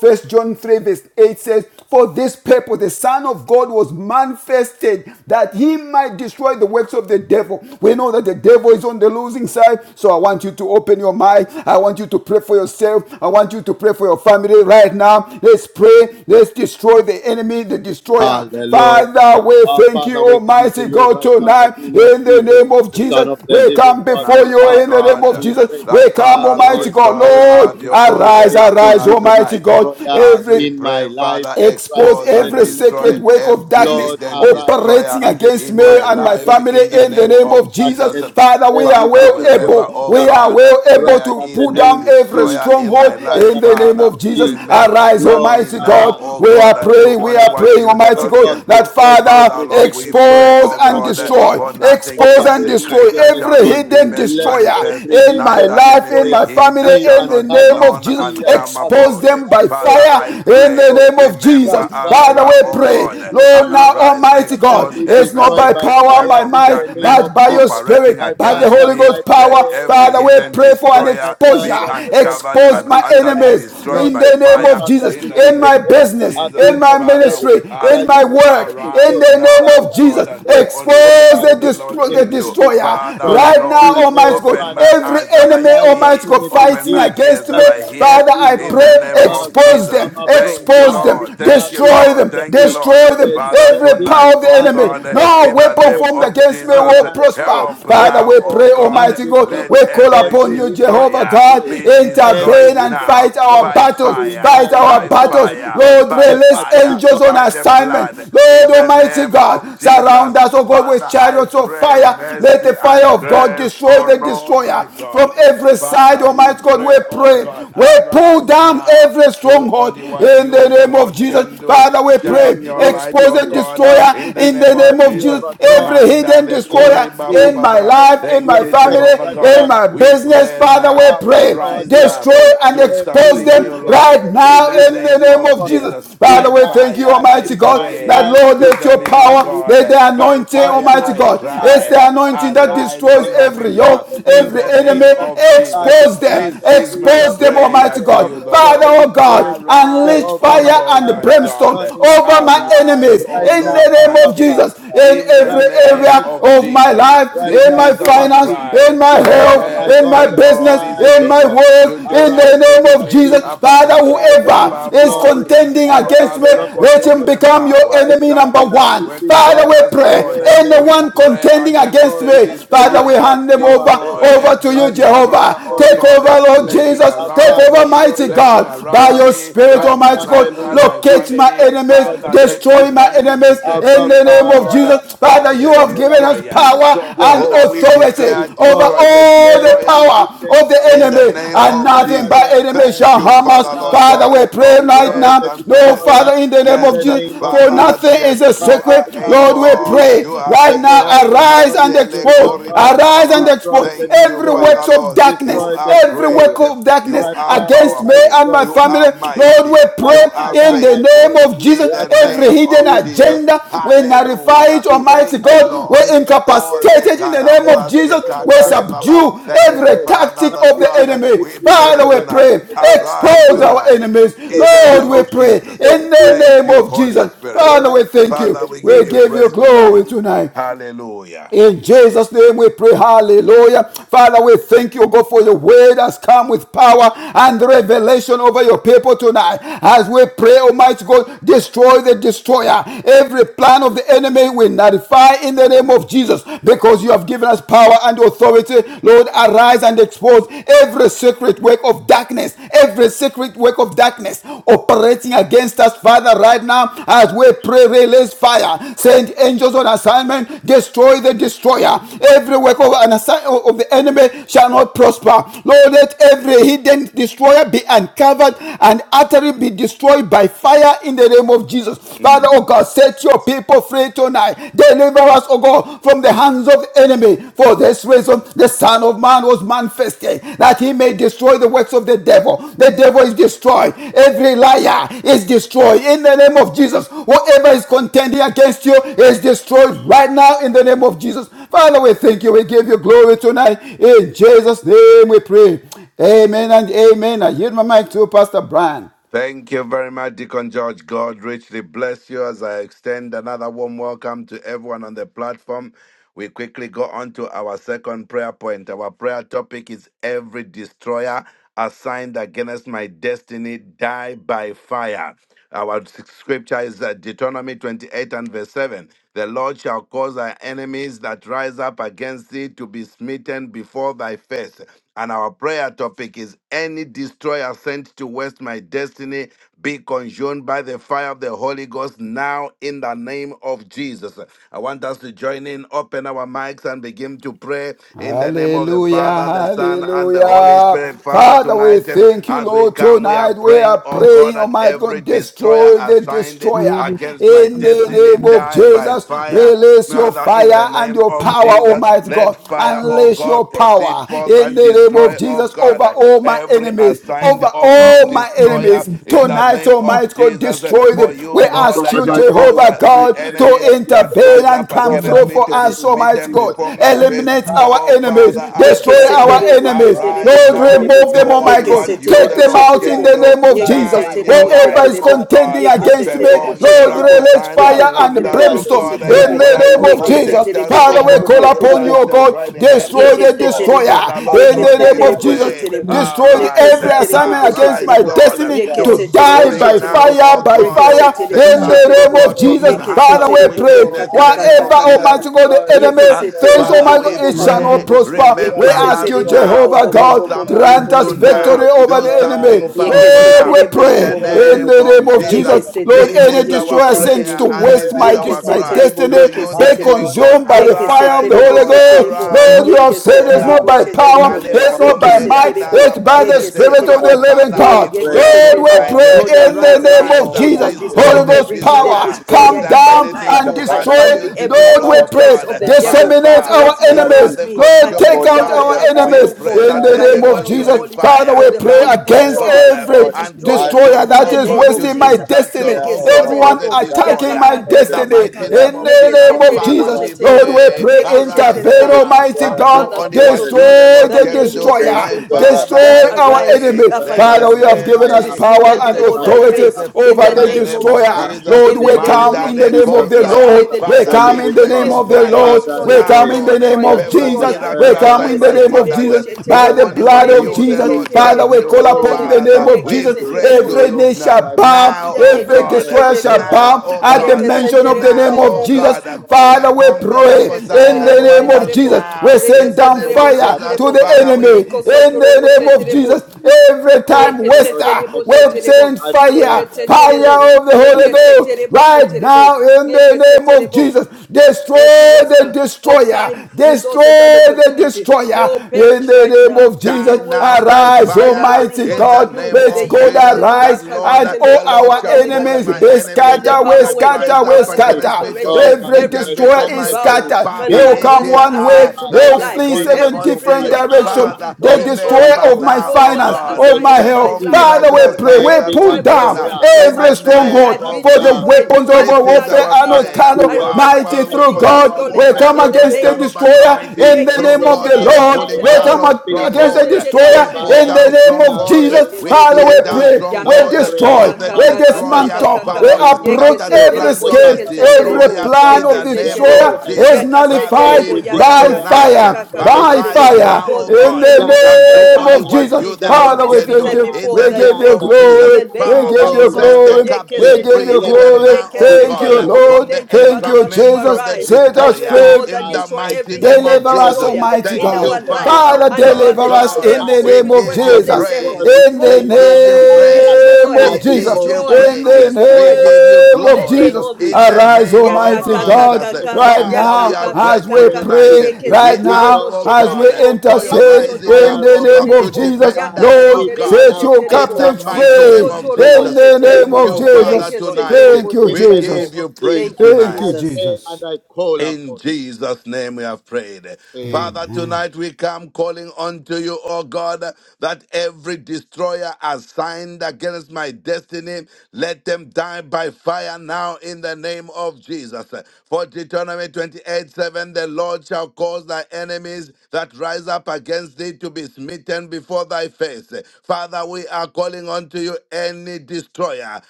C: First John 3, verse 8 says, for this purpose, the Son of God was manifested that he might destroy the works of the devil. We know that the devil is on the losing side. So I want you to open your mind. I want you to pray for yourself. I want you to pray for your family right now. Let's pray. Let's destroy the enemy, the destroyer.
E: Hallelujah.
C: Father, we
E: Our
C: thank
E: Father,
C: you,
E: we come to
C: Almighty
E: you
C: God,
E: right now in the
C: tonight
E: name of
C: in the
E: Jesus
C: name
E: Christ,
C: of
E: the
C: Jesus.
E: Son of the
C: We
E: living
C: come
E: God.
C: before
D: night, oh
C: you
E: Our
C: in the name
D: God,
E: Father,
C: of
E: we
C: Jesus.
E: pray.
D: that
C: We come,
D: Father,
E: Father, we
C: Almighty
D: Lord
C: God.
D: God,
E: expose and
D: have
C: Lord,
D: your
E: destroy
D: own way
C: arise,
D: upon
E: every
C: arise,
D: us
E: hidden
C: Almighty
D: tonight.
C: God.
E: destroyer
D: As
C: Every
D: we
E: in my
D: pray,
E: life
D: Father,
E: right
C: Expose
E: now
D: expose
E: in the
D: and
C: every
E: name of
D: destroy
C: secret
E: Jesus.
C: work of
D: every
C: darkness
E: Lord,
D: hidden
E: arise
D: destroyer
C: operating
E: and
C: against
D: in
C: me
E: expose
D: my
C: and my
D: life
E: every
C: family
D: in
E: secret
D: the
C: in the
E: work
D: name
C: name
E: of
D: of
C: of Jesus.
D: Jesus.
E: darkness,
C: Father, we are
E: every
D: Father,
C: well
E: secret work
D: wherever,
E: of
C: able,
D: oh
C: we are
E: darkness,
D: God,
C: well
E: right
C: able
D: there
C: to
E: now in the
D: is
C: pull
D: a
C: down
E: name of
C: every
D: destroyer
E: Jesus.
D: in my
C: stronghold
E: Right
D: life,
C: in
E: now
C: the
E: in the
C: name
E: name
D: Father.
C: of
E: of
C: Jesus.
E: Jesus.
D: remember
C: Arise,
D: by
E: Lord,
D: me
C: Almighty
D: now,
C: God.
D: O
E: arise.
C: We are
D: God,
E: Lord,
D: and do
C: praying, we
D: only
C: are
E: arise.
D: what
C: praying,
D: you, the
C: Almighty
E: Oh
D: Lord,
C: God,
E: God,
D: can
C: that
D: do.
E: expose
D: Father,
C: Father,
E: every
D: Lord, we
E: secret work
D: pray,
E: of
C: expose
D: O
C: and
D: God,
E: darkness, oh
C: destroy,
D: for
E: God,
D: nothing
C: expose
D: is
C: and
E: operating
C: destroy
D: secret that
E: against
D: shall
C: every
E: me.
D: not be
C: hidden
D: made
E: Let
C: destroyer
D: manifest,
E: every
C: in my
E: hidden
D: neither
C: life, in
D: anything
C: my
E: destroyer
D: hid
C: family,
D: that
E: be
D: shall
C: in the
D: not be
C: name
E: uncovered,
C: of
D: known
C: Jesus.
E: be
D: and come
E: uncovered,
C: Expose
D: abroad.
C: them
E: and
C: by fire
D: Father,
C: fire
D: I
E: totally
C: in the
D: pray,
E: destroyed
C: name of
E: by
C: Jesus.
D: remember us
C: Father,
E: fire
D: now,
C: we
E: in
D: O
C: pray,
E: the
D: God,
E: name of
D: and
C: Lord, now,
E: Jesus.
D: arise,
C: Almighty
E: Let
C: God,
E: them
D: expose
E: be
C: it's
D: every
C: not
E: destroyed
C: by
E: by
D: secret
C: power,
D: work
E: fire
C: my
E: in
D: of
E: the
C: might,
E: name
D: darkness
C: but
E: of
C: by your
E: Jesus.
D: operating
E: My
C: spirit, by the
D: against
C: Holy
E: Father,
D: me.
E: I
C: Ghost
D: Let
C: power.
E: pray
D: every
E: right
C: Father, we
E: now
D: hidden
C: pray for an
E: that my
D: destroyer
C: exposure.
E: God,
D: be
E: you are not a man
D: uncovered
E: that
C: Expose
D: and
C: my
E: you should
D: utterly
E: lie,
C: enemies
D: destroyed
E: nor
C: in
E: the
D: by
C: the
E: Son
C: name
E: of
D: fire
C: of
E: Man that
C: Jesus,
D: in
E: you
D: the
E: should
C: in my
D: name
E: repent.
D: of
C: business,
E: Have
D: Jesus,
C: in
E: you
C: my
E: not said
D: Father,
E: it?
C: ministry,
D: we
C: in
E: Shall
D: ask,
E: you
C: my
D: uh,
E: not
C: work,
E: make it
C: in
D: arise
E: good?
D: now,
C: the name
D: O
C: of
E: Father, I
D: God,
C: Jesus.
D: and do
E: pray,
D: only
E: for
D: what
C: Expose
D: you,
C: the,
D: the
E: nothing is
D: Lord,
C: destro-
E: in
C: the
D: can do.
E: secret that
C: destroyer
D: Father,
E: shall
D: O
C: right
E: not
D: Lord,
C: now,
E: be
D: uh,
C: Almighty
E: made
C: God.
D: open my
E: manifest,
C: Every
D: eyes that I
C: enemy,
E: neither
C: Almighty
D: see,
C: God,
E: anything
D: open
C: fighting
D: my
E: hid
D: ears
C: against me,
D: that
E: that
D: I
E: shall
D: hear.
C: Father,
E: not
C: I
E: be
C: I
D: In
E: known
D: the
C: pray,
D: name
E: uh,
D: of
E: and
C: expose
D: Jesus.
C: them,
E: come abroad.
D: Thank you,
C: expose
E: I
C: them,
D: Lord. Thank
E: declare
D: you,
E: Luke
C: destroy
D: Lord.
C: them,
E: chapter
D: Thank you,
E: 8,
D: Lord.
C: destroy them.
E: verse
D: Father,
C: Every
E: 17.
C: power
D: tonight,
C: of the
D: oh
C: enemy,
E: Almighty
D: God,
E: God,
C: no
E: I
D: in the
C: weapon
E: pray,
D: name
C: formed
E: oh
D: of
C: against me
E: God,
D: Jesus,
C: will
E: arise,
C: prosper.
E: Lord,
D: help
C: Father,
D: now,
C: we
D: oh
E: expose
C: pray,
E: and
D: God.
C: Almighty God,
E: destroy
D: Let
C: we call
D: every
C: upon
E: every
C: you,
E: hidden
C: Jehovah
D: destroyer
C: God,
E: destroyer,
D: be
E: every
D: destroyed
C: intervene and
E: hidden
D: now
C: fight
E: destroyer
C: our
D: by
C: battles,
E: in
D: fire
C: fight
E: my
C: our
D: by
E: life,
C: battles.
E: Almighty
D: fire,
E: God.
C: Lord,
D: by
E: The
C: release
E: battle
D: fire,
E: before
C: angels on
D: by the
C: assignment.
D: blood,
C: Lord
D: in the
C: Almighty
D: name of
C: God, surround
D: Jesus.
C: us, oh God, with
D: Father, I
C: chariots of
D: pray
C: fire. Let
D: mercy
C: the fire
D: and
C: of God
D: grace,
C: destroy
D: oh
C: the
D: Lord
C: destroyer
D: my
C: from
D: God.
C: every side,
D: Father, we
C: Almighty God. We
D: pray, oh
C: pray,
D: God,
C: we pull
D: arise
C: down
D: now.
C: every
D: Do
C: stronghold
D: only what
C: in
D: you,
C: the
D: the
C: name of
D: Lord,
C: Jesus.
D: can do.
C: Father, we
E: we
C: pray,
D: Shine your
E: uproot,
D: light,
E: we
C: expose
D: oh
C: the
E: tear
D: God,
E: down,
C: destroyer
E: we
D: in the
C: in
D: name
C: the
E: destroy,
D: of
C: name of
E: we
C: Jesus.
D: Jesus.
E: overthrow.
C: Every
E: In
C: hidden
E: the
D: Mandale
E: name
D: kori
C: destroyer
E: of
D: babo
E: Jesus,
C: in my
D: baba.
E: oh
C: life,
E: God,
C: in
E: we
D: Thank
C: my
E: are
D: you,
E: praying
C: family,
D: Jehovah
E: right
C: in
D: God.
E: now.
C: my
D: We
C: business,
D: pray
C: Father, we
D: now.
E: Our
C: pray,
E: God,
D: Rise
E: we are
C: destroy
D: up.
E: praying.
C: and and
D: Do
C: expose
E: Every
D: something
C: them
D: new,
E: hidden,
D: Lord.
C: right
E: every
D: In
C: now
D: the
C: in
E: hidden
C: the
D: name
C: name
D: of
C: of
E: destroyer
D: Jesus.
C: Jesus. By
E: in
C: the
D: By
C: way,
E: my
C: thank you,
D: fire,
E: heart,
D: I
C: Almighty
E: in
C: God,
E: my
C: that
D: pray.
E: life,
C: Lord,
E: in
D: To
C: let
D: the
E: my
C: your
D: living
C: power,
E: family,
D: God.
C: let the
E: in my
D: By
C: anointing,
D: fire,
C: Almighty
E: household,
D: I
C: God,
E: Father,
C: it's the
D: cry.
E: I
C: anointing that
E: pray
D: Arise
C: destroys
D: on
E: today
D: my
C: every
E: in
D: behalf.
C: yoke,
E: the
D: In
E: name
C: every
D: the
E: of
C: enemy.
D: name
E: Jesus,
D: of
E: by
D: Jesus.
E: the
C: Expose them,
E: blood
D: This
E: of
D: is my
E: Jesus,
C: expose them,
E: with
D: prayer
C: Almighty
E: the
D: to
C: God.
E: help
D: you,
E: of the
D: Lord.
C: Father,
E: Holy
C: oh
E: Spirit.
C: God, unleash
D: Arise,
E: Jehovah,
D: O
C: fire
E: my
D: Lord
C: and
E: God,
D: my
E: I am
C: brimstone
D: God.
E: calling
C: over my
E: upon you
D: Arise,
C: enemies in
D: O
E: right now,
D: Lord
C: the
D: my
C: name
E: Abba
C: of
D: King.
E: Father,
C: Jesus, in
D: In the
C: every
E: right now,
D: name
C: area
D: of
E: righteous
C: of my
E: God,
D: Jesus.
C: life,
E: right
D: This
C: in
E: now,
C: my
D: is
E: King of
D: our
C: finance,
E: Kings.
C: in
D: cry
C: my
D: that
E: Jehovah,
C: health,
E: my
D: yes,
C: in my
D: the
E: God,
C: business,
D: Lord is
E: arise,
C: in
E: O
C: my
E: God.
D: able to
C: work,
D: do
C: in the
E: Arise, the
C: name
E: King
C: of
E: of
D: exceedingly
C: Jesus.
E: Kings.
C: Father,
D: abundantly
E: Arise, the King
C: whoever
E: of
D: above
C: is
D: all we
E: Glory.
D: can
C: contending
D: think or
E: Arise,
C: against me,
E: the
D: ask
E: Lord of
C: let
D: according
C: him
D: to
E: Lords.
D: the
C: become your
D: power
E: Arise,
C: enemy
E: the
D: that
C: number
D: is
E: covenant
D: at
C: one.
D: work
E: keeping
C: Father,
D: within
E: God,
C: we
D: us,
E: the
C: pray.
D: Lord.
E: way
D: We
C: Anyone
E: maker.
D: pray
E: I'm
C: contending
E: the
D: against
C: against
D: the
E: glory,
C: me,
E: I'm the
C: Father, we
D: destroyer
E: lifter
C: hand
E: of
C: them over,
E: our
D: Destroy
E: head.
C: over to
D: every
C: you,
E: My Father, I am
D: destroyer,
C: Jehovah.
D: oh
E: calling
C: Take
D: God,
C: over,
E: upon
C: Lord
E: you.
D: lurking
C: Jesus.
E: Now,
C: Take
D: around
E: Father,
C: over,
D: me,
E: show
C: mighty
D: lurking
E: yourself
C: God. By
D: around
E: strong
C: your
D: me
C: spirit,
E: right
D: and my
C: Almighty
E: now in the
D: life
C: God,
E: name
D: and
E: of
D: my
C: locate
E: Jesus
C: my
D: family.
E: Christ, the
C: enemies,
E: Son of
D: Father,
E: the
D: let my
C: destroy
E: living
C: my
E: God.
D: family
C: enemies
D: be
C: enemies
D: set
C: in
E: Abba,
D: free,
C: the
D: oh
C: name of
D: God,
E: Father,
C: Jesus. Father,
D: from
E: I
C: you
D: the
C: have
E: call
C: given us
E: upon
D: destroyer.
E: you.
C: power
D: So,
C: and
D: Father, we
E: Jehovah
C: authority
D: declare
C: over
D: destroy
E: destroy
D: the
C: all the
D: destroyer
E: every
C: power
E: hidden
C: of the
E: cover
D: in the
C: enemy,
D: name
C: and
D: of
C: nothing
E: wherever
C: by
D: Jesus,
E: they are
C: enemy
D: thank
C: shall
D: you,
E: hiding.
C: harm us.
D: Father, Lord
E: Father,
C: Father,
D: God
C: we
E: the
C: pray
D: of
E: de-
C: right
E: destroy
D: grace
C: now,
E: the
D: and
C: Lord
E: destroyer
C: Father,
D: mercy.
C: in the name
E: in
C: of
E: the
D: Yes,
C: Jesus,
E: name of
C: for
D: Father, Lord,
E: Jesus,
C: nothing
D: yes,
C: is a
E: by
D: you
E: the
C: secret.
D: are
E: blood
C: Lord,
E: of
C: we
D: able.
C: pray
E: Jesus,
D: You are
C: right
E: with
C: now,
E: the
D: able.
E: help of the
C: arise
E: Holy
C: and
D: Mandele
E: Spirit of
C: expose,
E: God,
D: koriba ba ba
C: arise and
D: ba.
E: destroy
C: expose
E: the
D: Thank you,
C: every
E: destroyer,
D: Father,
C: works of
D: Lord. You
E: destroy
C: darkness
E: the
D: are
C: every
E: destroyer.
C: work
D: great.
C: of darkness
D: You
E: Right
D: are
E: now,
C: against me
E: Almighty
D: powerful.
C: and my
E: God,
D: You
E: Mm.
C: family.
D: are
C: Lord, we
D: mighty.
E: My
C: pray
D: You are
C: in
E: Father,
C: the
E: I
D: faithful
C: name
E: pray
C: of
D: in
C: Jesus.
E: that
D: the
E: I
C: Every
D: name
C: hidden
D: of
E: uproot
D: Jesus.
C: agenda,
E: anything
C: we
E: that afflicts
C: nullify
D: Hallelujah.
C: it,
E: me,
C: Almighty
D: Thank
E: that
D: you,
E: is
C: God. We
D: Lord.
E: born of the
C: incapacitate
E: devil.
D: Ole
C: it in the name
E: Whatever
C: of
D: kalambras
E: is
C: Jesus.
D: ke
E: born of
C: We
E: God
D: kakale baba.
C: subdue
E: overcomes the
D: Thank
C: every
D: you,
E: world.
D: Father,
C: tactic
E: And
D: Lord
C: of
E: this
C: the
E: is
D: God.
E: the
C: enemy.
D: We
E: victory that
D: pray
C: Father, we
D: tonight.
C: pray.
E: overcomes the world.
D: Arise
C: Expose our
E: Even
D: tonight
E: our
C: enemies.
D: in
E: faith,
D: the
C: Lord,
D: name
C: we
E: even
D: of
E: my
C: pray
D: Jesus.
E: faith,
C: in the
E: even
D: Thank
C: name
D: you,
E: my
C: of
D: Holy
E: faith.
C: Jesus.
D: Spirit.
C: Father, we
E: Right now,
C: thank you.
E: by
D: Father, we
C: We
D: give
E: faith,
D: you
C: give
E: I
C: you
D: praise
E: declare.
D: tonight.
C: glory
E: in
C: tonight.
E: Jesus.
D: Hallelujah.
C: In Jesus' name we pray, hallelujah. Father, we thank you, God, for your word has come with power and revelation over your people tonight. As we pray, Almighty God, destroy the destroyer. Every plan of the enemy we nullify in the name of Jesus because you have given us power and authority. Lord, arise and expose every secret work of darkness, every secret work of darkness darkness operating against us, Father, right now as we pray, release fire. Send angels on assignment, destroy the destroyer. Every work of, an assi- of the enemy shall not prosper. Lord, let every hidden destroyer be uncovered and utterly be destroyed by fire in the name of Jesus. Father, oh God, set your people free tonight. Deliver us, oh God, from the hands hands of enemy. For this reason, the Son of Man was manifested that he may destroy the works of the devil. The devil is destroyed. Every liar is destroyed in the name of Jesus. Whatever is contending against you is destroyed right now in the name of Jesus. Father, we thank you. We give you glory tonight. In Jesus' name we pray. Amen and amen. I yield my mic to Pastor Brian.
D: Thank you very much, Deacon George. God richly bless you as I extend another warm welcome to everyone on the platform. We quickly go on to our second prayer point. Our prayer topic is every destroyer assigned against my destiny die by fire. Our scripture is uh, Deuteronomy 28 and verse 7. The Lord shall cause thy enemies that rise up against thee to be smitten before thy face. And our prayer topic is any destroyer sent to waste my destiny be consumed by the fire of the Holy Ghost now in the name of Jesus. I want us to join in, open our mics, and begin to pray in the name of the
C: Hallelujah,
D: Father, the Son, and the Holy
C: hallelujah.
D: Spirit. Father,
C: Father, we
D: tonight, eh,
C: thank you,
D: as we
C: Lord.
D: come, we are
C: Tonight we
D: praying,
C: are
D: oh
C: praying,
D: God, that
C: Almighty
D: every
C: God,
D: destroyer
C: destroy the
D: assigned
C: destroyer.
F: Creative
D: against my
C: In
F: from the
C: the
D: destiny
F: outside of
C: name of
D: die by
C: Jesus,
D: fire.
C: release your
D: Father, in
C: fire
D: the
C: and
D: name
C: your
F: God,
D: of
C: power,
D: Jesus,
C: Almighty
D: let
C: God.
D: fire,
F: so
D: O
C: Unleash your
D: God, proceed
C: power
D: forth
C: in
D: and
C: the name of
D: destroy, O
C: Jesus over
D: God,
C: all my
D: every
C: enemies,
D: assigned,
F: over
C: over
D: O
F: all
D: God,
C: all my
F: and in the
D: destroyer
C: enemies.
D: in
F: name of
D: the
C: Tonight,
D: name
F: Jesus,
D: of
C: Almighty God,
D: Jesus.
C: destroy
D: For
C: them.
D: you,
C: We
F: from all
D: Lord,
C: ask
D: I
E: God,
C: you,
E: I
D: shall
E: call
D: cause
C: Jehovah
D: uh,
E: upon you,
D: my
C: God,
E: mighty
C: to
E: God,
D: enemies that
E: destroy the
C: intervene
D: rise
C: and
D: up
C: come
F: time and
E: destroyer
D: against
C: through
F: one
E: in
D: me
C: for
D: to
E: the
D: be
C: us,
E: name of
C: Almighty
D: smitten
C: God.
E: Jesus,
D: before
E: oh
D: my
E: God.
F: season,
D: face.
C: Eliminate
F: my
E: Father,
C: our
D: Oh
E: before
C: enemies.
E: the
D: Father, I
B: Yeke
C: Destroy
E: destroyer
C: our
D: pray,
E: strikes,
B: seterebo
E: oh
C: enemies.
E: God,
D: arise
B: sheterebo
C: Lord,
E: let
F: goodness,
D: now
E: the
B: sheterebo.
C: remove
F: God,
C: them,
D: do
C: oh
E: destroyer
C: my
D: only
E: be
B: Yeke
D: what
C: God.
D: you,
C: Take
E: destroyed
D: the
B: seterebo
C: them
E: by
D: Lord,
C: out in
D: can
B: sheterebo.
C: the
E: fire,
D: do.
C: name of
E: by
B: Yeke
C: Jesus.
D: Shine
E: fire,
D: your
F: Lord,
B: seterebo
E: by
C: Whoever
D: light,
C: is
D: oh
B: sheterebo.
E: fire.
C: contending
D: God.
F: have
B: Yeke
E: I
C: against me,
E: pray
B: seterebo
E: right
D: Perform
E: now,
C: Lord,
B: sheterebo.
D: miracles,
C: release
E: Almighty
D: signs, and
E: God,
B: Yeke
C: fire and
B: seterebo
D: wonders,
E: before
D: oh
E: the
B: yeke
C: brimstone
D: God,
F: from your
E: destroyer
C: in
B: seterebo.
D: where
E: takes
C: the
D: you
C: name of
B: Yeke
E: advantage,
C: Jesus.
D: protect
B: seterebo
D: us,
B: bo
D: oh
C: Father,
E: before
B: bo
C: we
F: town,
E: the
B: bo
D: God, by
C: call
D: your
C: upon you,
E: destroyer,
B: sheterebo.
C: oh
D: righteous
C: God.
D: right
E: Almighty God,
D: hand.
C: Destroy
E: takes
B: Yeke
C: the
B: se
D: Oh,
E: advantage.
C: destroyer
B: seterebo,
D: Father, Lord
C: in
B: yeke
E: Abba,
F: let
D: God,
B: se
C: the
D: we
C: name
E: Father,
C: of
E: I
B: terebo she
E: pray
C: Jesus.
D: pray.
E: in the
F: me
B: sheterebo,
E: name
F: the
E: of
C: Destroy
B: yeke
E: Jesus
D: Arise,
B: se
C: every
F: best
E: Christ,
F: by
B: seterebo
C: assignment
B: bo
E: the
B: she
C: against
E: Son of
D: arise,
C: my
B: sheterebo,
E: the
D: Lord.
E: living
C: destiny
B: yeke
E: God.
D: Do
B: se
C: to
E: Oh
B: terebo
C: die
B: she
D: something
C: by
E: Lord God
D: now,
B: sheterebo,
C: fire,
D: oh
C: by
E: Almighty,
D: God.
B: yeke
F: the
B: se
E: show
C: fire,
E: up
B: terebo
D: Save
C: in
F: enemy,
B: she
E: now.
D: us,
C: the
D: oh
B: sheterebo,
C: name of
D: God,
F: to
E: Show
D: from
F: the
C: Jesus.
D: the
E: up
F: best
B: yeke se
F: of
D: hand
C: Father,
E: now.
D: of
C: we
F: the
B: terebo ya
C: pray.
E: Show
B: ka
D: wickedness in
B: ka
E: up
D: the
B: ka
F: God,
D: name
B: ka
C: Whatever,
E: now.
D: of
B: ka ka
D: Jesus.
B: ka,
C: Almighty God, the
E: Destroy the
B: yeke
D: Uh,
B: se
C: enemy thinks,
F: that
B: seterebo
E: destroyer,
D: Father,
B: bo
C: Almighty God,
B: bo
D: we
E: Abba
B: bo
C: it
F: the
B: bo
C: shall
B: bo bo
E: Father.
C: not
F: evidence
D: pray,
B: bo,
C: prosper. We
E: Destroy
B: yeke
D: remember
E: the
F: and
B: se
C: ask
D: us
C: you,
B: seterebo bo
E: destroyer,
D: now.
B: bo
C: Jehovah
B: bo bo
D: Do
E: righteous
B: bo
C: God,
B: bo
E: God.
B: bo bo
F: the
D: something
F: of
C: grant
B: bo
C: us
F: the
B: she
D: new
E: Destroy
F: God,
B: sheterebo,
D: now.
C: victory
E: the
C: over
D: Do
C: the
E: destroyer,
C: enemy.
D: something
F: the
E: Almighty
B: Yeke
F: so
D: powerful
C: Lord,
E: God.
D: now.
C: we
B: setere bo
D: In
B: bo
F: great,
D: the
B: bo
C: pray
B: bo
E: Destroy
B: bo
F: the
E: the
C: in
B: bo
D: name
C: the
B: bo.
C: name
D: of
C: of
E: destroyer,
D: Jesus,
C: Jesus.
B: Yeke
E: King of
F: of the
C: Lord,
E: Kings.
B: setere
D: this
F: enemy,
B: bo
C: any
D: is
B: yeke
D: our
C: destroyer
E: Destroy the
C: sent
B: setere
C: to
D: prayer
B: bo.
F: to
D: and
F: this
C: waste
D: this
E: destroyer,
D: is
C: my,
B: Yeke
D: our
E: Abba
C: my
D: cry
E: Father.
B: setere bo
C: destiny
D: to
B: yeke
D: you,
E: My
D: the
C: be
B: setere
D: living
B: bo.
E: God, I
D: God.
C: consumed by the
E: pray.
B: Yeke
C: fire of the
D: Arise,
B: setere
E: Right
B: bo
C: Holy
D: Lord,
E: now,
B: setere
C: Ghost.
B: bo.
E: destroy
C: Lord,
E: the
F: destroyed,
D: arise.
C: you have
B: Yeke
C: said
D: Oh,
C: it's
F: and the
D: la
B: setere
E: destroyer.
C: not
B: bo
C: by
D: bose
E: In
B: setere
C: power,
F: peace,
E: the
B: bo.
E: name
C: it's
D: kaleba
E: of
C: not
B: Yeke
C: by
E: Jesus
D: compere
C: might,
D: and
B: setere
E: Christ,
B: bo
E: the
D: la
C: it's
F: the
E: Son
C: by
E: of
C: the
E: the
B: yeke
D: braskete
E: living
C: Spirit
B: setere
C: of
D: rebaba.
C: the
E: God.
B: bo.
C: living
D: Father,
E: I
B: Oh
D: we
C: God.
E: pray,
B: yeke
D: pray
E: Abba
C: Lord,
B: setere
C: we
B: bo.
D: tonight eh,
E: Father,
B: Lord,
C: pray in
D: that
E: that
C: the
B: arise
E: you
B: and
E: are
C: name
D: arise
C: of
E: more
D: up,
B: expose
E: than
C: Jesus.
B: and destroy
D: destroy
C: Holy
E: able,
D: the
F: evidence,
C: Ghost
B: every
F: God,
B: hidden
E: able
C: power,
D: destroyer.
E: to do
D: Is
B: destroyer
C: come
B: in
D: there
B: my
E: exceeding
C: down
B: life
D: anything
E: and
C: and
D: too
B: and
D: hard
C: destroy.
D: for
E: abundantly
B: family,
D: you to
B: every
D: do,
C: Lord, we
D: oh
E: above
B: secret
E: all
B: works
D: God?
C: pray,
B: of
E: that
B: the
E: I ask,
D: My
B: devil
C: disseminate
E: above all
D: Father,
C: our
B: operating
E: that
D: You. You
E: I
D: are
C: enemies.
E: think,
B: against
D: the
B: me. I
C: Lord, take
D: consuming
B: put
E: according
C: out
E: to
B: down
C: our
E: the
D: fire.
B: every
D: We
E: power
C: enemies
D: pray
B: stronghold
C: in
D: that
E: that
C: the
B: by
D: let
E: is
C: name
B: the
D: the
C: of
E: at
B: fire of the
C: Jesus.
E: work.
D: consuming
B: holy
C: Father,
D: fire
C: we
E: Destroy
B: of the
E: the
C: pray
B: holy
D: come, oh
C: against
E: destroyer,
B: destroyer,
E: oh
D: God, uh,
C: every
B: the
E: God.
D: and
E: I
B: destroyer,
C: destroyer
D: consume,
B: in
E: pray.
C: that
D: oh
B: the
C: is
B: name
D: God,
E: This
B: of
D: to
C: wasting
E: is
C: my
B: Jesus.
E: my
D: destruction,
C: destiny,
E: prayer,
B: Yeke
D: oh
E: O
D: God,
E: God,
D: of
C: everyone
D: the
B: seterebo,
E: that you
C: attacking
B: yaka
D: destroyer.
C: my
E: destroy
B: kaka
D: In
E: the
B: kaka
D: the
C: destiny
D: mighty
B: kaka,
E: destroyer
D: name
C: in
D: of
C: the
B: yeke
D: Jesus,
C: name
E: before the
C: of
B: seterebo
D: Father,
E: destroyer
D: we
C: Jesus.
E: takes
C: Lord,
B: sheterebo,
C: we
D: pray.
E: advantage,
C: pray,
B: yeke
D: Arise
E: before
C: intervene,
B: sheterebo.
E: the
D: now
C: Almighty
E: destroyer
D: and
C: God,
D: do
B: Father,
D: only
B: cause, oh
D: what
E: establishes
D: you,
B: God,
D: the
E: his
C: destroy
D: Lord,
C: the
B: the
D: can
E: wicked
D: do.
B: enemies, yes,
D: My
B: to
E: intentions,
C: destroyer,
E: O
B: the,
E: God.
D: Father,
C: destroy
B: that
D: I
E: Let
C: our
E: the
B: arise
D: pray.
C: enemy.
B: up
E: destroyer
D: Let
E: die
D: the
C: Father,
B: against
C: you
E: by
C: have
B: thee
C: given
B: to
C: us
B: be
E: fire,
D: mercy,
C: power
B: smitten
D: let
C: and
E: die
D: the
B: before
E: by
B: thy
C: authority
D: grace
E: fire,
B: face.
D: uh,
B: In
C: over
B: the
D: in
C: the
E: die
D: the
B: name
E: by
D: name
B: of
D: of
C: destroyer.
E: fire,
B: Jesus,
D: Jesus
C: Lord,
B: in
E: in
B: the
C: we
E: the
B: name
C: come
E: name
B: of
E: of
C: in the
D: Mandale
C: name
B: Jesus,
E: Jesus
C: of the
E: Christ, the
D: Kosaya.
B: destroy
C: Lord,
B: the
E: Son of
C: we
D: Father,
E: the
C: come
D: we
B: destroyer,
C: in
E: living
C: the
D: pray
E: God.
C: name of the
B: destroy the
D: tonight. eh,
C: Lord,
E: Father, I
C: we
B: destroyer,
D: Now,
C: come
E: pray,
C: in the
D: Lord, eh,
C: name of
B: destroy the
E: let
C: of
E: the
D: perform
C: Jesus.
B: destroyer.
E: destroyer
C: We
D: miraculous
C: come
E: die
B: Yeke
C: in
D: signs
C: the
E: by
B: se
D: and
C: name of
E: fire
D: wonders.
B: terebo,
D: eh,
C: Jesus,
B: she
D: Do
C: by
E: right
C: the
B: terebo,
E: now
D: only
E: in
C: blood
E: the
D: what
E: name
C: of
B: yeke
D: you,
E: of
B: ke
D: the
B: ke
C: Jesus.
D: Lord,
B: ke
E: Jesus.
B: ke
C: Father,
D: can
C: we
B: ke ke
D: do.
C: call
B: ke
E: Oh
C: upon
B: she,
E: my
C: the name
D: Father,
E: God,
C: of
E: I
B: yeke
D: we
C: Jesus.
B: se
E: appeal to
D: pray
B: terebo,
D: to
C: Every
E: you,
D: you
C: knee
D: now,
C: shall
E: righteous
C: bow,
D: Now, oh
E: God,
B: yeke ke
C: every
B: ke
D: God. eh,
B: ke
C: destroyer
B: ke
E: merciful
C: shall
B: ke.
D: Now,
E: God,
C: bow
D: oh
C: at
E: that
C: the
D: God.
B: Yeke
D: eh,
E: now,
C: mention of the
B: senderebo
C: name
E: that
D: Now,
C: of
D: oh
E: now
B: shenderebo.
C: Jesus.
D: God. eh,
E: expose,
C: Father, we
D: Perform
E: expose,
C: pray
D: miracle
B: Neke
D: signs
C: in the
D: and
B: seterebo
C: name
E: Father,
C: of
D: wonders
B: sheterebo.
E: mm,
C: Jesus. We
D: now
B: Neke
C: send
D: in the
C: down
E: you
D: name
B: seterebo
D: of
E: declare
C: fire
E: that
D: Jesus.
C: to
E: it
B: sheterebo.
E: shall
C: the
D: Father,
E: cause
D: we
E: the
C: enemy
B: Iko
C: in
E: enemies
C: the
E: of
B: sotorobo
E: my
C: name of
E: God
B: sheterebo.
C: Jesus.
E: to flee.
C: Every
E: Oh
C: time
B: Yeke
E: my Lord and my
C: waster,
B: seterebo
C: we
E: God,
B: sheterebo.
C: send
E: I pray
C: fire,
E: right
B: Neke
E: now in the
B: seterebo.
C: fire
E: name
C: of the
E: of Jesus.
C: Holy
B: Neke
C: Ghost
B: seterebo
C: right
B: sheterebo.
C: now in
B: Neke
C: the name of
B: seterebo
C: Jesus. Destroy
B: every
C: the
B: waster of time,
C: destroyer, Destroy
B: resources, and
C: the
B: opportunity. They
C: destroyer
B: all
C: in
B: perish
C: the
B: right
C: name
B: now.
C: of Jesus.
B: You
D: die
B: will
D: now by
B: restore,
C: Arise,
B: and I will
D: fire
C: Almighty
B: restore
D: in
B: to
D: the
C: God.
B: you
D: name
C: Let's
B: the
D: of
B: years
C: God
B: that the
D: Jesus. That
C: arise
B: locust has
D: Lord,
C: and
D: uh,
B: eaten, the
C: all
D: the Lord
C: our
B: cankerworm and
D: shall
B: the
D: cause
C: enemies
D: my
B: caterpillar,
C: be
E: I
B: and
D: enemies
E: thank
B: the
D: uh,
C: scattered,
E: you,
C: we
B: palmer
D: that
E: waste
B: worm.
E: my
B: Thank
C: scatter,
D: rise
B: you,
C: we
D: up
B: Father, for
E: destiny.
D: against
C: scatter.
D: me to
E: Oh
B: restoration.
D: be
E: God,
C: Every
E: you
B: Every
D: smitten
E: waste
C: destroyer
D: before
E: my
B: spiritual
C: is
D: my face.
E: destiny.
B: devourer
C: scattered.
B: and
D: Father,
E: Be
C: He'll
B: time
D: it
C: come
B: waster
D: is
E: consumed
C: one
E: by
D: I
C: way,
B: assigned to my
D: that
E: fire.
C: they'll
D: is
B: life,
C: flee
E: Be
D: calling
B: every
C: seven
E: consumed
D: unto
C: different
E: by
B: spiritual
D: you.
C: directions.
E: fire
B: devourer.
D: Father,
C: The
E: of
B: Oh,
E: the Holy
C: destroyer
D: remember
B: Father,
C: of
E: Ghost.
C: my
D: now,
B: Oh,
D: O
E: Now,
C: finance,
B: Father,
E: in
D: God,
C: of
E: the
B: assign
C: my
E: name
B: to
E: of
B: my
C: health.
D: perform
B: life,
E: Jesus,
B: oh
C: Father, we
D: miraculous
B: God,
C: pray, we
D: signs
B: every
E: every
D: and
C: pull
B: time
D: wonders
C: down
D: now
B: Wester
E: destroyer
D: in the
C: every
B: assigned to my
E: assigned
D: name
C: stronghold.
B: life be
E: right
D: of
C: For the
E: now,
D: Jesus.
B: destroyed
C: weapons
B: by
C: of
B: the
C: our
D: This
E: assigned
D: is
B: blood
C: warfare
E: right
D: our
B: of
C: are
E: now
C: not
B: Jesus.
D: prayer.
E: to
B: I
D: For
C: carnal,
E: waste
D: our
B: recover
E: my
D: for
C: mighty
E: might,
C: through
B: everything
E: God,
B: you
D: weapons
E: to
B: have
D: of our
C: God.
E: waste
B: stolen
C: We
E: my
D: warfare
C: come
D: are
B: in the
D: not
C: against
B: name
E: destiny
D: carnal
B: of
C: against
D: but
C: the
E: and
B: Jesus.
D: mighty
C: destroyer
E: be
C: in the
D: through
C: name
E: consumed
C: of
D: God
C: the
E: by
D: to the
B: Yekeseterebo
C: Lord.
D: pulling
C: We
E: fire.
D: down
C: come
B: sheterebo.
D: of
E: Be
C: against the
D: strongholds.
E: consumed by
B: Yekeseterebo
C: destroyer
D: We pull
C: in
E: fire.
D: down
B: sheterebo.
C: the name of
E: Now, in
D: strongholds.
E: the name
B: Yeke
C: Jesus.
E: of
D: We
B: se
C: Father,
D: tear
E: Jesus,
C: we
B: terebo
D: down
C: pray, we
E: I
B: yaka
D: strongholds
B: kaka
E: pray,
C: destroy,
B: kaka
D: of the
C: we
E: Abba
B: kaka
E: Father,
D: destroyer.
B: kaka
C: dismantle,
B: kaka
C: we
D: Father, we
E: calling
B: yeke
C: uproot
D: scatter
E: upon
B: se
D: the
E: you,
C: every
D: plans
B: terebo
E: the
D: of the
C: scheme,
B: yeke se
E: covenant
C: every
B: terebo
D: destroyer
E: keeping
C: plan
D: in
E: God,
C: of
B: yeke
D: the
C: the
B: se
E: the
D: name of
B: terebo
C: destroyer
E: Almighty
C: is
D: Jesus.
E: God.
B: yeka se
D: Father, we
B: terebo
E: Every
C: nullified
D: pray
B: yaka
C: by
E: destroyer
B: kaka
D: tonight.
B: kaka
C: fire,
E: assigned
B: kaka se
E: against
C: by
E: my
D: Arise
B: terebo
D: now,
C: fire
D: O
B: cause
E: destiny,
B: thy
C: in
D: God,
C: the
B: enemies
E: die
B: that
D: and
E: by
D: do
B: rise
C: name
B: up
D: only
C: of
E: fire,
D: what
B: against
C: Jesus.
D: you,
B: thee
D: the
E: die
B: to
D: Lord,
C: Father,
B: be
E: by
C: we
D: can
C: thank
D: do
B: smitten
C: you.
E: fire,
D: in
B: before
D: the
C: We
B: thy
C: give
D: name
E: die
C: you
B: face
D: of
E: by
B: in
D: Jesus.
C: glory.
B: the
E: fire.
B: name
C: We
B: of
C: give
D: Father,
C: you
E: Oh
B: Jesus.
D: set
E: Lord,
D: the
E: I
C: glory.
D: captives
C: We
E: pray,
C: give
D: free
C: you
E: let
B: Yekeseterebo,
D: even
C: glory.
D: now,
E: every
D: O
C: Thank you,
E: destroyer
D: God,
B: yekeseterebo.
D: from
C: Lord.
D: the
E: assigned
B: Thank you,
C: Thank
B: Father,
E: against
C: you,
B: that
E: my
B: you
D: entrapment
C: Jesus.
D: of the
B: arise
E: destiny
C: Set
B: and
C: us
B: you
D: destroyer
E: die
C: free
B: expose and
D: in
E: by
D: the
B: destroy
E: fire.
D: mighty
B: every
D: name
B: hidden
D: of
C: Deliver us,
D: Jesus.
E: Wherever
B: destroyer
E: they
C: Almighty
B: in
E: are,
D: Thank
C: God.
E: let
D: you,
B: our
E: them be
B: lives
D: Father.
C: Father,
B: and
E: consumed
C: deliver
D: Lord
B: family,
C: us
E: by
D: God,
C: in
B: every
C: the
D: we
E: fire,
C: name
B: secret
C: of
D: give
B: works
E: as
B: of
D: you
B: the
E: it
C: Jesus.
E: was
B: devil.
D: praise.
E: in
C: In the
E: the
D: We
B: Oh,
E: days of
D: give you
B: Father,
E: Elijah,
D: praise.
C: name
B: destroy,
D: We
C: of
E: that he
C: Jesus.
D: give
E: called
D: you
E: down
B: destroy,
C: In
D: praise.
E: fire
D: We
B: destroy
D: give
E: upon
D: you
C: the
E: the
B: in
C: name of
B: the
D: glory
E: captain
B: name
E: of
C: Jesus.
B: of
E: 50.
D: in the
B: Jesus,
C: Arise,
D: name
E: Oh
D: of
C: Almighty
E: God,
C: God,
D: Jesus.
E: and
B: yakakakakaka,
C: right
E: another
D: Father, we
E: group
C: now
D: are
E: of the
C: as
D: grateful
C: we
E: captain
B: yakakakakaka,
E: of
D: tonight.
C: pray,
E: 50,
C: right
D: We
E: he
D: ask,
B: yekeseterebo
E: called
C: now
D: oh
E: down
C: as we
D: God,
B: sheterebo,
E: fire,
D: for your
E: and
C: intercede
E: the
D: rising
C: in
E: fire
D: up,
B: ikosotorobo
C: the
D: oh
C: name
D: God,
E: roasted
D: to
C: of
E: them.
B: sheterebo,
C: Jesus.
D: defend us,
E: Father,
D: oh
C: Lord,
E: even
B: yakaseterebo
D: God,
C: set
E: now
C: your
E: I
D: in
B: sheterebo,
E: call
D: the
C: captives
E: down
D: mighty
C: free
D: name
E: fire.
D: of
B: ikosotorobo
C: in
D: Jesus.
E: Father,
C: the name
D: Thank
B: sheterebo,
C: of
E: destroy
D: you,
E: the
D: Father,
C: Jesus.
D: tonight.
E: destroyer.
C: Thank
B: yekeseterebo
C: you,
E: In
D: We
E: the name
B: sheterebo.
C: Jesus.
D: give
E: of
D: you praise
B: Thank
E: Jesus,
B: you,
C: Thank you,
E: I
D: tonight.
B: Jesus.
E: pray and
C: Jesus.
E: I call
D: In
E: upon you.
D: Jesus' name we have prayed.
E: Amen.
C: Amen.
D: Father, tonight we come calling unto you, O God, that every destroyer assigned against my destiny, let them die by fire now in the name of Jesus. For Deuteronomy 28 7, the Lord shall cause thy enemies enemies that rise up against thee to be smitten before thy face. Father, we are calling unto you any destroyer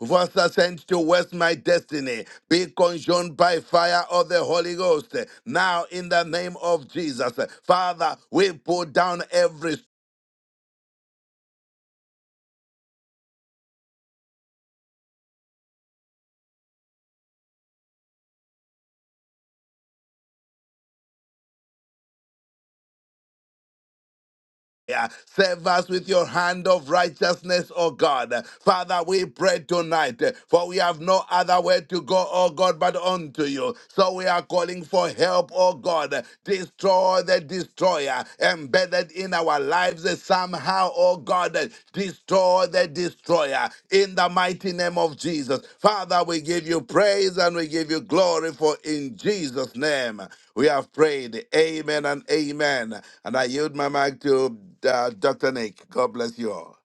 D: who has sent to waste my destiny. Be consumed by fire of the Holy Ghost. Now, in the name of Jesus, Father, we put down every Yeah. Serve us with your hand of righteousness, O God. Father, we pray tonight, for we have no other way to go, O God, but unto you. So we are calling for help, O God. Destroy the destroyer embedded in our lives somehow oh God, that destroy the destroyer in the mighty name of Jesus. Father, we give you praise and we give you glory for in Jesus' name we have prayed. Amen and amen. And I yield my mic to uh, Dr. Nick. God bless you all.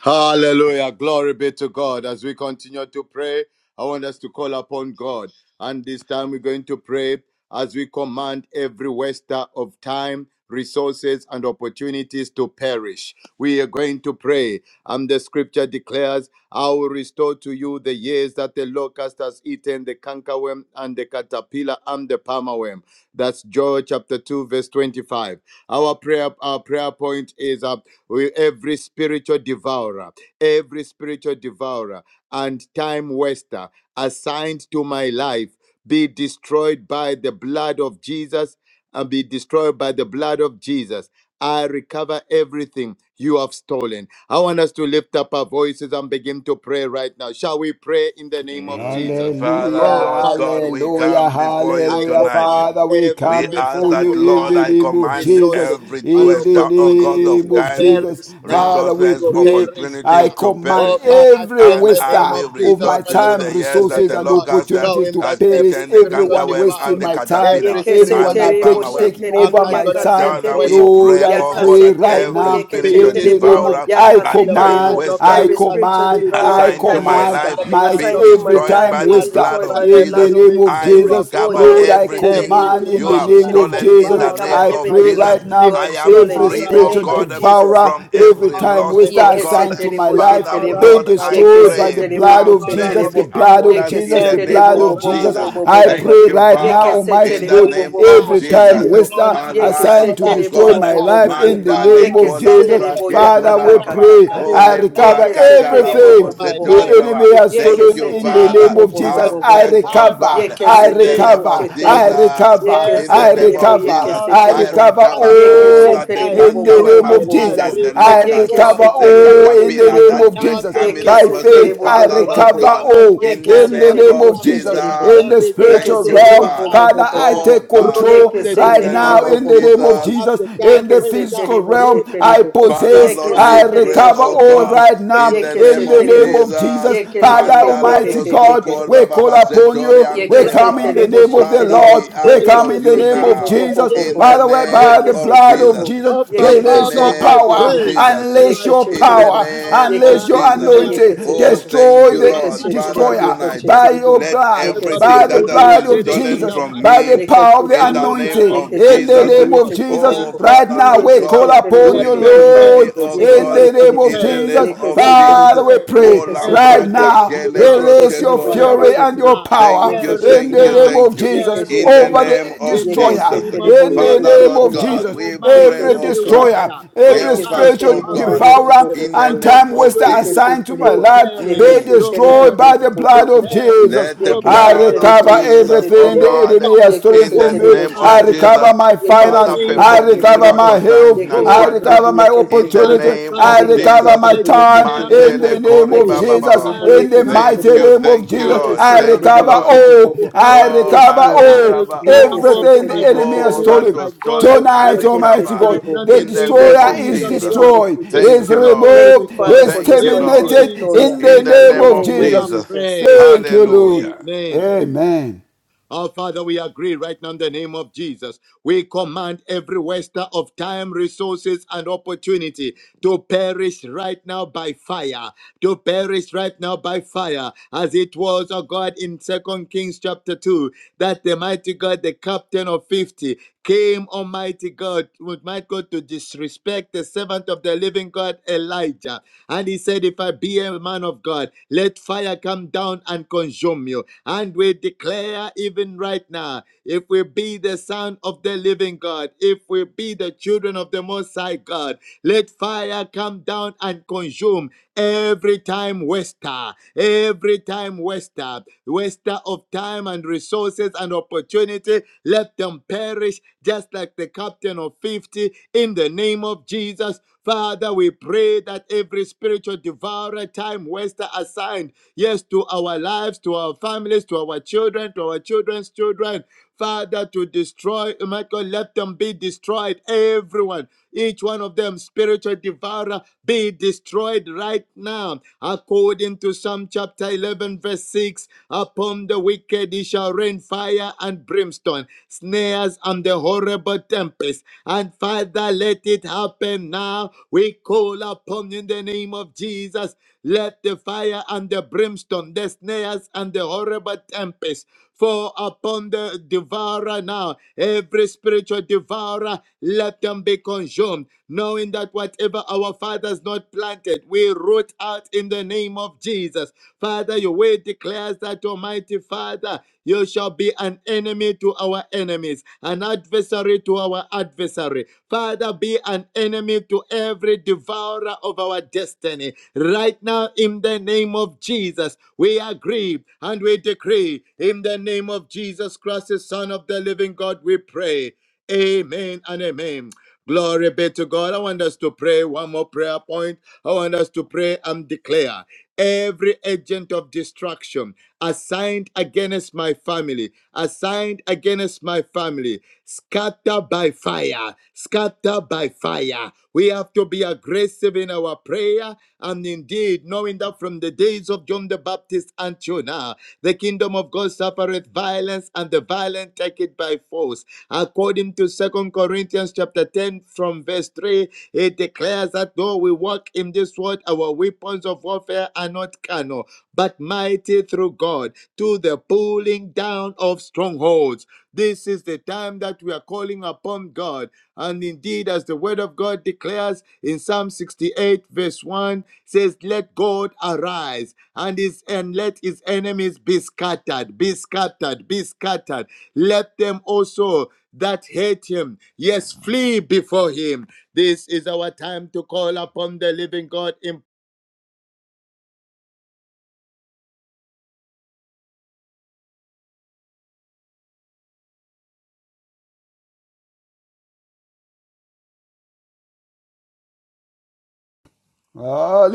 E: Hallelujah. Glory be to God. As we continue to pray, I want us to call upon God. And this time we're going to pray as we command every waster of time, resources, and opportunities to perish. We are going to pray. And the scripture declares, I will restore to you the years that the locust has eaten, the cankerworm, and the caterpillar, and the palmerworm. That's Joel chapter 2, verse 25. Our prayer, our prayer point is uh, we- every spiritual devourer, every spiritual devourer and time waster assigned to my life be destroyed by the blood of Jesus and be destroyed by the blood of Jesus. I recover everything you have stolen. I want us to lift up our voices and begin to pray right now. Shall we pray in the name of Jesus?
D: Mm,
C: Hallelujah,
D: Father,
E: Oh,
D: Lord
E: Father,
D: God,
E: we
D: we
E: pray
C: hallelujah,
E: right
D: come
E: now.
D: before you
E: I
C: hallelujah.
D: tonight.
E: command
C: Father, we
E: every
D: We
C: come
D: ask
C: before
E: waster
C: you
D: that,
E: of
C: in
D: Lord,
E: time,
C: the
D: I
C: name of
D: command
C: Jesus,
E: resources
D: every
E: and
C: in the
D: twister, O God
E: opportunities
D: of
C: name
E: to
C: of
D: time,
C: Jesus.
E: perish now,
C: Father, we
D: resources,
E: to
C: pray.
E: perish
C: I
D: opportunities
E: now.
D: to
C: command
E: Oh,
D: perish.
E: Father, I
C: every
E: pray in
D: And
E: the
D: I
E: name
C: waster
E: of
D: will
C: of
E: Jesus
D: restore
C: my
E: Christ,
D: to
E: the
D: you
C: time,
E: Son
D: the
E: of the
D: years that
C: resources,
D: the
E: living
C: and
E: God,
D: locust uh,
C: opportunities
E: knowing
C: to
E: that
D: has
C: perish.
E: every
D: eaten, the
E: spiritual
C: Everyone
D: cankerworm and
C: wasting
D: the
C: my
E: devourer,
C: time,
E: every
D: caterpillar
B: Yeke Yekese
E: spiritual
C: everyone
D: and the
C: are
B: terebo
C: taking
E: devourer,
D: palmerworm.
C: taking
E: I'm
B: sheterebo
C: over
E: not
D: Mm.
C: my
E: going to
B: yakase
E: time
C: time.
D: Father, we
E: waster,
B: terebo
C: Lord,
D: pray,
C: I
D: oh
E: assigned
D: God,
B: yakase
C: pray
E: to
D: that
E: my
C: right
B: terebo
E: life,
D: every
C: now
B: yekese
E: be
D: spiritual
C: in the
B: terebo
C: name of
E: destroyed
D: devourer
C: I
E: by
B: yakase
D: and
E: the
D: time
E: blood
C: command,
B: terebo.
E: of
D: waster
C: I
B: Every
E: Jesus,
B: spiritual
E: be
C: command,
B: devourer
C: I
B: and
D: assigned to
E: destroyed
B: time
D: my
C: command
E: by
B: waster
D: life
E: the
C: might
E: blood
D: be
E: of
B: assigned to my
C: every
E: Jesus,
D: destroyed
C: time
B: life
D: by
B: be
D: the
E: I
C: waster
D: blood
B: destroyed
E: recover
B: by
D: of
B: the
C: in the
B: blood
D: Jesus.
B: of
C: name
E: everything
C: of
D: I
B: Jesus.
E: you have
C: Jesus.
B: Oh
D: recover
C: Lord,
E: stolen,
B: yeke
C: I
B: se
E: every
D: everything
B: terebo
C: command in
D: you
B: bobo
C: the
D: have
E: devourer,
C: name of
B: sheterebo.
D: stolen
B: We
D: in
C: Jesus.
D: the
B: recover
E: devourer
D: name
C: I
E: of
D: of
E: my
C: pray
B: everything
C: right
D: Jesus.
E: destiny,
B: you
C: now
D: I
B: had
D: am
B: stolen
C: every
B: in
D: free,
E: devourer
B: the
E: of
D: oh
C: spiritual
B: name
E: my
B: of
D: God,
E: family,
B: Jesus.
C: devourer,
D: from
C: every
D: every
E: devourer
C: time
E: of my
D: loss,
C: waster
D: oh
B: Yeke
D: God.
C: assigned
E: investment,
C: to my
B: Yekesetelebo
C: life
D: Father,
E: devourer
B: shetelebo,
C: be
E: of
D: Lord,
E: my
D: I
C: destroyed
E: calling,
C: by
D: pray,
C: the
B: yekesetelebo
C: blood
B: bo
D: have
C: of
E: devourer
C: Jesus,
E: of
C: the
D: mercy
B: shetelebo,
C: blood
D: upon
C: of
E: ministry,
D: us in
C: Jesus,
D: the
C: the
E: every
D: name
B: yekesetelebo
C: blood
B: bo
C: of
D: of
B: bo bo
C: Jesus.
B: bo
E: devourer
D: Jesus.
B: bo bo
C: I
B: bo bo,
C: pray
D: Thank
E: perish
D: you,
C: right
B: yeke
C: now,
E: now.
D: Father,
C: Almighty
D: in the
B: yekesetelebo
C: God,
E: There
B: bo
E: is
D: name
B: bo bo bo
D: of
E: none.
C: every time
D: Jesus.
B: shetelebo,
C: waster
E: Demonic
D: Arise,
C: assigned to
E: devourer,
D: oh
B: yekesetelebo
C: destroy
B: bo
D: God.
C: my
B: bo bo
E: satanic
B: bo
C: life
B: bo,
C: in the
D: Manda le
C: name
E: devourer,
B: yeke
C: of Jesus.
D: kolambra
E: wicked
B: yekesetelebo
D: ke
C: Father,
D: tora
E: devourer
C: we
D: baba.
C: pray me.
B: yakakakakaka,
E: that
D: O
E: is
C: I
E: assigned
C: recover
D: lembra kakala
B: yekesetelebo
E: against
B: bo
D: bobo
B: bo
C: everything
E: my
B: bo
C: the
B: bo
D: setori
E: life
B: bo,
D: baba.
C: enemy
E: to
C: has
E: waste
B: yeke
D: Thank
C: stolen
E: my
D: you,
C: in the
E: time,
B: yekesetelebo
D: Father.
C: name
B: bo
C: of
B: bo
E: to
B: bo
C: Jesus.
E: waste
B: bo
D: Have
B: bo
C: I
E: my
B: bo
D: mercy,
B: bo,
D: oh
E: time.
C: recover,
D: God,
E: And
B: yeke
C: I
D: in the
E: indeed, I'm
D: name
B: seterebo
E: the
D: of
C: recover,
E: right
C: I
B: sheterebo.
D: Jesus.
E: now.
B: yeke
C: recover,
D: In
E: Every
D: the
C: I
D: name
E: spiritual
B: yekesetelebo
D: of
B: yeke
C: recover,
D: Jesus,
E: devourer
C: I
D: I
B: yekesetelebo yekesetelebo,
E: and
C: recover
D: recover
E: time waster
D: all
C: all
D: that the
B: yekesetelebo
E: assigned
B: bo
C: in the
B: bo
E: to
B: bo
D: cankerworm
C: name
B: bo
E: my
C: of
D: has
B: bo bo
E: life
B: bo.
C: Jesus.
D: eaten,
E: be
D: the
C: I
D: locust,
B: Yeke
D: eh,
C: recover
E: destroyed,
B: se
D: the
B: terebo
E: be
C: all
B: she
C: in the
D: caterpillar,
E: destroyed
C: name
B: terebo.
D: that
C: of
E: now in
D: great
C: Jesus.
E: the
D: army
E: name
B: Yeke
D: that
C: By
E: of
B: se
D: was
C: faith,
D: sent.
E: Jesus.
B: terebo
C: I
B: bo
D: Father,
B: bo bo
D: Lord
B: bo.
C: recover
E: Whatever
D: God,
E: my
C: all
E: father
D: in
B: Yeke
D: the
E: has
C: in
B: se
C: the
E: not
D: name
C: name
B: terebo
D: of
C: of
B: she
E: planted,
C: Jesus.
B: terebo.
D: Jesus,
C: In
E: uh,
C: the
E: it's time
B: Yeke
C: spiritual
D: thank
E: to
B: se
D: you,
C: realm,
E: root
B: terebo
D: Father.
E: out,
B: bo bo
C: Father,
B: bo
C: I
B: bo
E: Father.
D: Oh
B: bo.
C: take
E: Root
D: God,
C: control
E: up
B: Yeke
E: the
B: se
D: in
C: right
D: the
B: terebo
D: name
C: now
B: bo
E: devourer.
C: in
D: of
B: bo
C: the
B: bo
C: name
B: bo
E: Root
C: of
B: bo.
D: Jesus,
E: up
C: Jesus.
E: the
C: In
E: time
B: Yeke
C: the
B: se
E: waster.
C: physical
B: terebo
C: realm,
B: she
E: Root
C: now. I
E: up
B: terebo.
E: the
D: Father,
C: possess,
D: Lord,
B: Yeke
C: I
E: destroyer
B: se
D: we pray,
B: terebo
E: that
C: recover
B: she
D: oh
E: has
C: all
E: come
B: terebo.
D: God,
C: right now
D: in
E: against
D: the
B: Yeke
E: my
C: in
D: name
B: se
C: the
D: of
C: name
B: terebo.
E: destiny,
C: of Jesus.
D: Jesus.
B: Yeke
E: against
B: se
C: Father
E: my
B: ke ke
D: Mandala
B: ke
E: calling,
C: Almighty
B: ke
E: my
B: ke
D: brosco
B: ke.
C: God,
D: kor
C: we
E: assignment,
D: baba
E: my
C: call upon
E: finance.
D: basetori
C: you. We
D: andere
E: Right
C: come
E: in
C: in
D: baba.
C: the
E: the
B: Yekeseterebo
E: name
C: name
E: of
C: of the
D: Father,
E: Jesus,
B: sheterebo.
C: Lord.
D: we
C: We
D: ask
E: against
C: come
D: of
E: my
C: in the
D: you
C: name
E: peace,
C: of
B: Yekeseterebo
D: now,
B: bo bo
C: Jesus.
B: bo
E: against
B: bo
D: in
C: Father.
E: my
D: the
B: bo.
C: the
E: sound
C: by
D: name
C: the
E: mind,
D: of
C: blood of
B: Yekeseterebo.
D: Jesus,
C: Jesus,
E: of the
D: in the
C: release
E: Father,
C: your
B: Yekeseterebo
E: I
D: name
C: power.
D: of
B: sheterebo.
E: pray.
D: Jesus,
C: Unleash
E: Right
C: your
E: now,
D: in the
B: Yekesheterebo.
C: power.
E: Jehovah, my
D: name of
C: Unleash
E: God,
C: your
E: I
B: Yekesheterebo
D: Jesus.
E: am
C: anointing.
E: calling
D: Oh,
B: yekeseterebo.
E: upon you
D: thank
C: Destroy
D: you,
E: because,
C: the
D: Lord.
E: my God,
D: Father,
B: Yekesheterebo
E: you are
C: destroyer
E: more
D: tonight,
E: than
C: by
B: yekesheterebo.
C: your
D: let
C: blood,
E: ever, ever to
C: by
D: everything
C: the
D: that
E: do
B: Yekeseterebo
D: has
C: blood
D: been
C: of
E: exceeding
D: stolen
E: and
C: Jesus,
B: yekesheterebo.
D: from
C: by the
E: abundantly.
D: me,
C: power of the
D: in
E: Above
D: the
E: all
B: Yekesheterebo.
D: name
E: that, I
C: anointing.
E: am
D: of
C: In the
E: asking,
B: Yekesheterebo
E: oh
C: name
D: Jesus.
C: of
E: God,
C: Jesus.
E: I
C: Jesus.
E: am
D: Oh,
B: yekesheterebo.
C: Right
D: Father,
E: asking
C: now,
D: Lord
E: right
C: we call
E: now,
D: God,
B: Yekeseterebo
C: upon
E: let
C: you,
E: them
D: remember
B: sheterebo.
C: Lord,
D: me,
E: perish,
D: oh
C: in
E: let
C: the
D: God,
E: them
C: name of
B: Yekeseterebo.
D: in the
E: perish,
C: Jesus.
D: name of
E: let them
B: Yekeseterebo.
C: Father,
D: Jesus.
C: we
E: perish.
C: pray
D: Oh,
E: Every
C: right
D: Lambra
B: Yekeseterebo.
E: spirit of
C: now,
D: Kakele
E: devourer,
C: release
D: Broske
C: your
B: Yekeseterebo
D: Kod Baba.
C: fury
E: perish
C: and
B: yekeseterebo
C: your
E: now,
C: power
D: Thank
B: Yeke
D: you,
E: perish
C: in
D: thank
C: the
D: you,
B: şeteribu.
C: name
E: now,
C: of
D: thank you.
C: Jesus
B: Yeke
E: perish
D: In the
C: over
E: now.
B: şeteribu.
D: name
C: the
D: of
E: In the
B: Yeke
C: destroyer,
D: Jesus.
E: name of
B: şeteribu.
C: in
B: Yeke
C: the
D: Father,
E: Jesus,
C: name
D: Lord
C: of
B: şeteribu.
E: I
D: God,
C: Jesus
D: we
E: command
D: pray,
B: Yeke
C: every
D: oh
E: every
B: şeteribu.
D: God,
C: destroyer,
E: waster of
C: every
B: Yeke
D: help
E: time,
D: us, oh
C: spiritual
E: of
B: şeteribu. Bu
D: God,
B: bu bu
C: devourer
B: bu
E: resources,
B: bu
D: in
B: bu bu
D: the
C: and
E: and
B: bu.
D: name
C: time
D: of
C: waster
B: Yeke
E: opportunities
C: assigned
D: Jesus.
C: to my
E: to
B: şeteribu.
C: life
E: perish,
B: Yeke
C: be
D: Mm.
E: to
B: şeteribu.
C: destroyed
B: Bu
C: by
E: perish,
C: the
B: bu bu bu
C: blood
E: to
B: bu
C: of
B: bu bu.
E: perish,
C: Jesus.
D: Let the
E: to
B: Yeke
C: I
D: blood
E: perish
D: of
B: şeteribu.
C: recover
B: Yeke
E: now.
D: Jesus, oh
C: everything the
B: şeteribu.
E: Oh
D: God,
C: enemy has
E: God,
B: Yeke
C: stolen
D: in
C: from
E: this
D: the
C: me.
E: is
B: şeteribu.
D: name
E: my
C: I
D: of
E: prayer.
B: Şeteribu.
D: Jesus,
C: recover my
E: In
B: Yeke
E: the
C: finance.
D: Father,
E: name
C: I
E: of
B: şeteribu.
D: perform
C: recover
E: Jesus,
B: Şeteribu.
C: my
D: miracle
E: I
D: signs
C: health.
B: Yeke
D: and
E: call
C: I
E: upon
B: şeteribu.
D: wonders.
C: recover my
E: you.
B: Yeke
D: in the
C: opportunity.
E: Father,
B: şeteribu.
D: name
E: thank
C: I
D: of
E: you.
B: Yeke
C: recover
D: Jesus.
C: my
E: I
B: şeteribu. Yeke
C: time
E: declare and
C: in
B: şeteribu.
E: I
C: the
D: Mandele
C: name
D: Kori
C: of
B: Yeke
E: decree.
D: Baba
C: Jesus.
D: Baba.
E: I
B: şeteribu.
C: In the
B: Yeke
E: recover
D: Thank
C: mighty
D: you,
B: şeteribu.
E: all.
C: name of
D: thank you,
E: I
C: Jesus,
B: Yeke
D: Lord.
C: I
E: recover
B: setere
D: Thank you,
B: bo
E: all.
C: recover
B: bo
D: Lord.
B: bo bo
E: I
B: bo
C: all.
B: bo.
C: I
E: recover
D: Oh,
E: all.
B: Yes,
C: recover
D: I
B: Lord.
E: I
C: all.
D: recover
E: recover
B: Yeke
E: all
D: all.
E: for
C: Everything the
E: my
B: setere bo
C: enemy has
D: All
E: destiny,
B: setere
E: for
B: bo.
D: that
E: my
C: stolen.
D: was stolen,
E: calling.
D: I
C: Tonight,
B: Yeke
C: Almighty
D: recover.
B: setere
E: Right
C: God,
E: now,
B: bo.
E: in
C: the
E: the
D: In the
E: name of
D: name
C: destroyer
B: Yeke
D: of
C: is
E: Jesus
B: setere
D: Jesus.
B: bo
E: Christ,
B: bo
C: destroyed,
E: the
B: setere
D: Thank
C: is
B: bo.
D: you,
E: Son of the
B: Thank
D: Lord.
B: you,
C: removed,
E: Living God.
B: Father,
C: is
B: for
D: Thank you,
E: In
B: destroying the
D: Lord.
C: terminated
E: Jesus'
B: destroyer
C: in the
D: In the
E: name,
B: in
C: name
B: the
D: name
C: of
D: of
B: name
E: we
B: of
E: are
C: Jesus.
D: Jesus.
B: Jesus.
E: praying.
C: Thank you, Lord.
D: Hallelujah.
E: Amen.
C: Amen.
E: Our Father, we agree right now in the name of Jesus. We command every waster of time, resources, and opportunity to perish right now by fire, to perish right now by fire, as it was, oh God, in Second Kings chapter 2, that the mighty God, the captain of 50, came, Almighty God, would might God, to disrespect the servant of the living God, Elijah. And he said, If I be a man of God, let fire come down and consume you. And we declare even right now, if we be the son of the living God, if we be the children of the Most High God, let fire come down and consume Every time waster, every time waster, waster of time and resources and opportunity, let them perish just like the captain of 50 in the name of Jesus. Father, we pray that every spiritual devourer, time waster assigned, yes, to our lives, to our families, to our children, to our children's children. Father, to destroy, oh my God, let them be destroyed, everyone, each one of them, spiritual devourer, be destroyed right now. According to Psalm chapter 11, verse 6, upon the wicked he shall rain fire and brimstone, snares and the horrible tempest. And Father, let it happen now. We call upon you in the name of Jesus. Let the fire and the brimstone, the snares and the horrible tempest Fall upon the devourer now, every spiritual devourer, let them be consumed, knowing that whatever our fathers not planted, we root out in the name of Jesus. Father, your word declares that, Almighty Father, you shall be an enemy to our enemies, an adversary to our adversary. Father, be an enemy to every devourer of our destiny Right now, in the name of Jesus, we agree and we decree, in the name of Jesus Christ, the Son of the living God, we pray. Amen and amen. Glory be to God. I want us to pray one more prayer point. I want us to pray and declare every agent of destruction assigned against my family, assigned against my family, scatter by fire, scatter by fire. We have to be aggressive in our prayer and indeed, knowing that from the days of John the Baptist until now, the kingdom of God suffereth violence, and the violent take it by force. According to Second Corinthians chapter 10, from verse 3, it declares that though we walk in this world, our weapons of warfare are not carnal, but mighty through God to the pulling down of strongholds. This is the time that we are calling upon God and indeed, as the word of God declares in Psalm 68, verse 1, says, Let God arise and his and let his enemies be scattered, be scattered, be scattered. Let them also that hate him, yes, flee before him. This is our time to call upon the living God in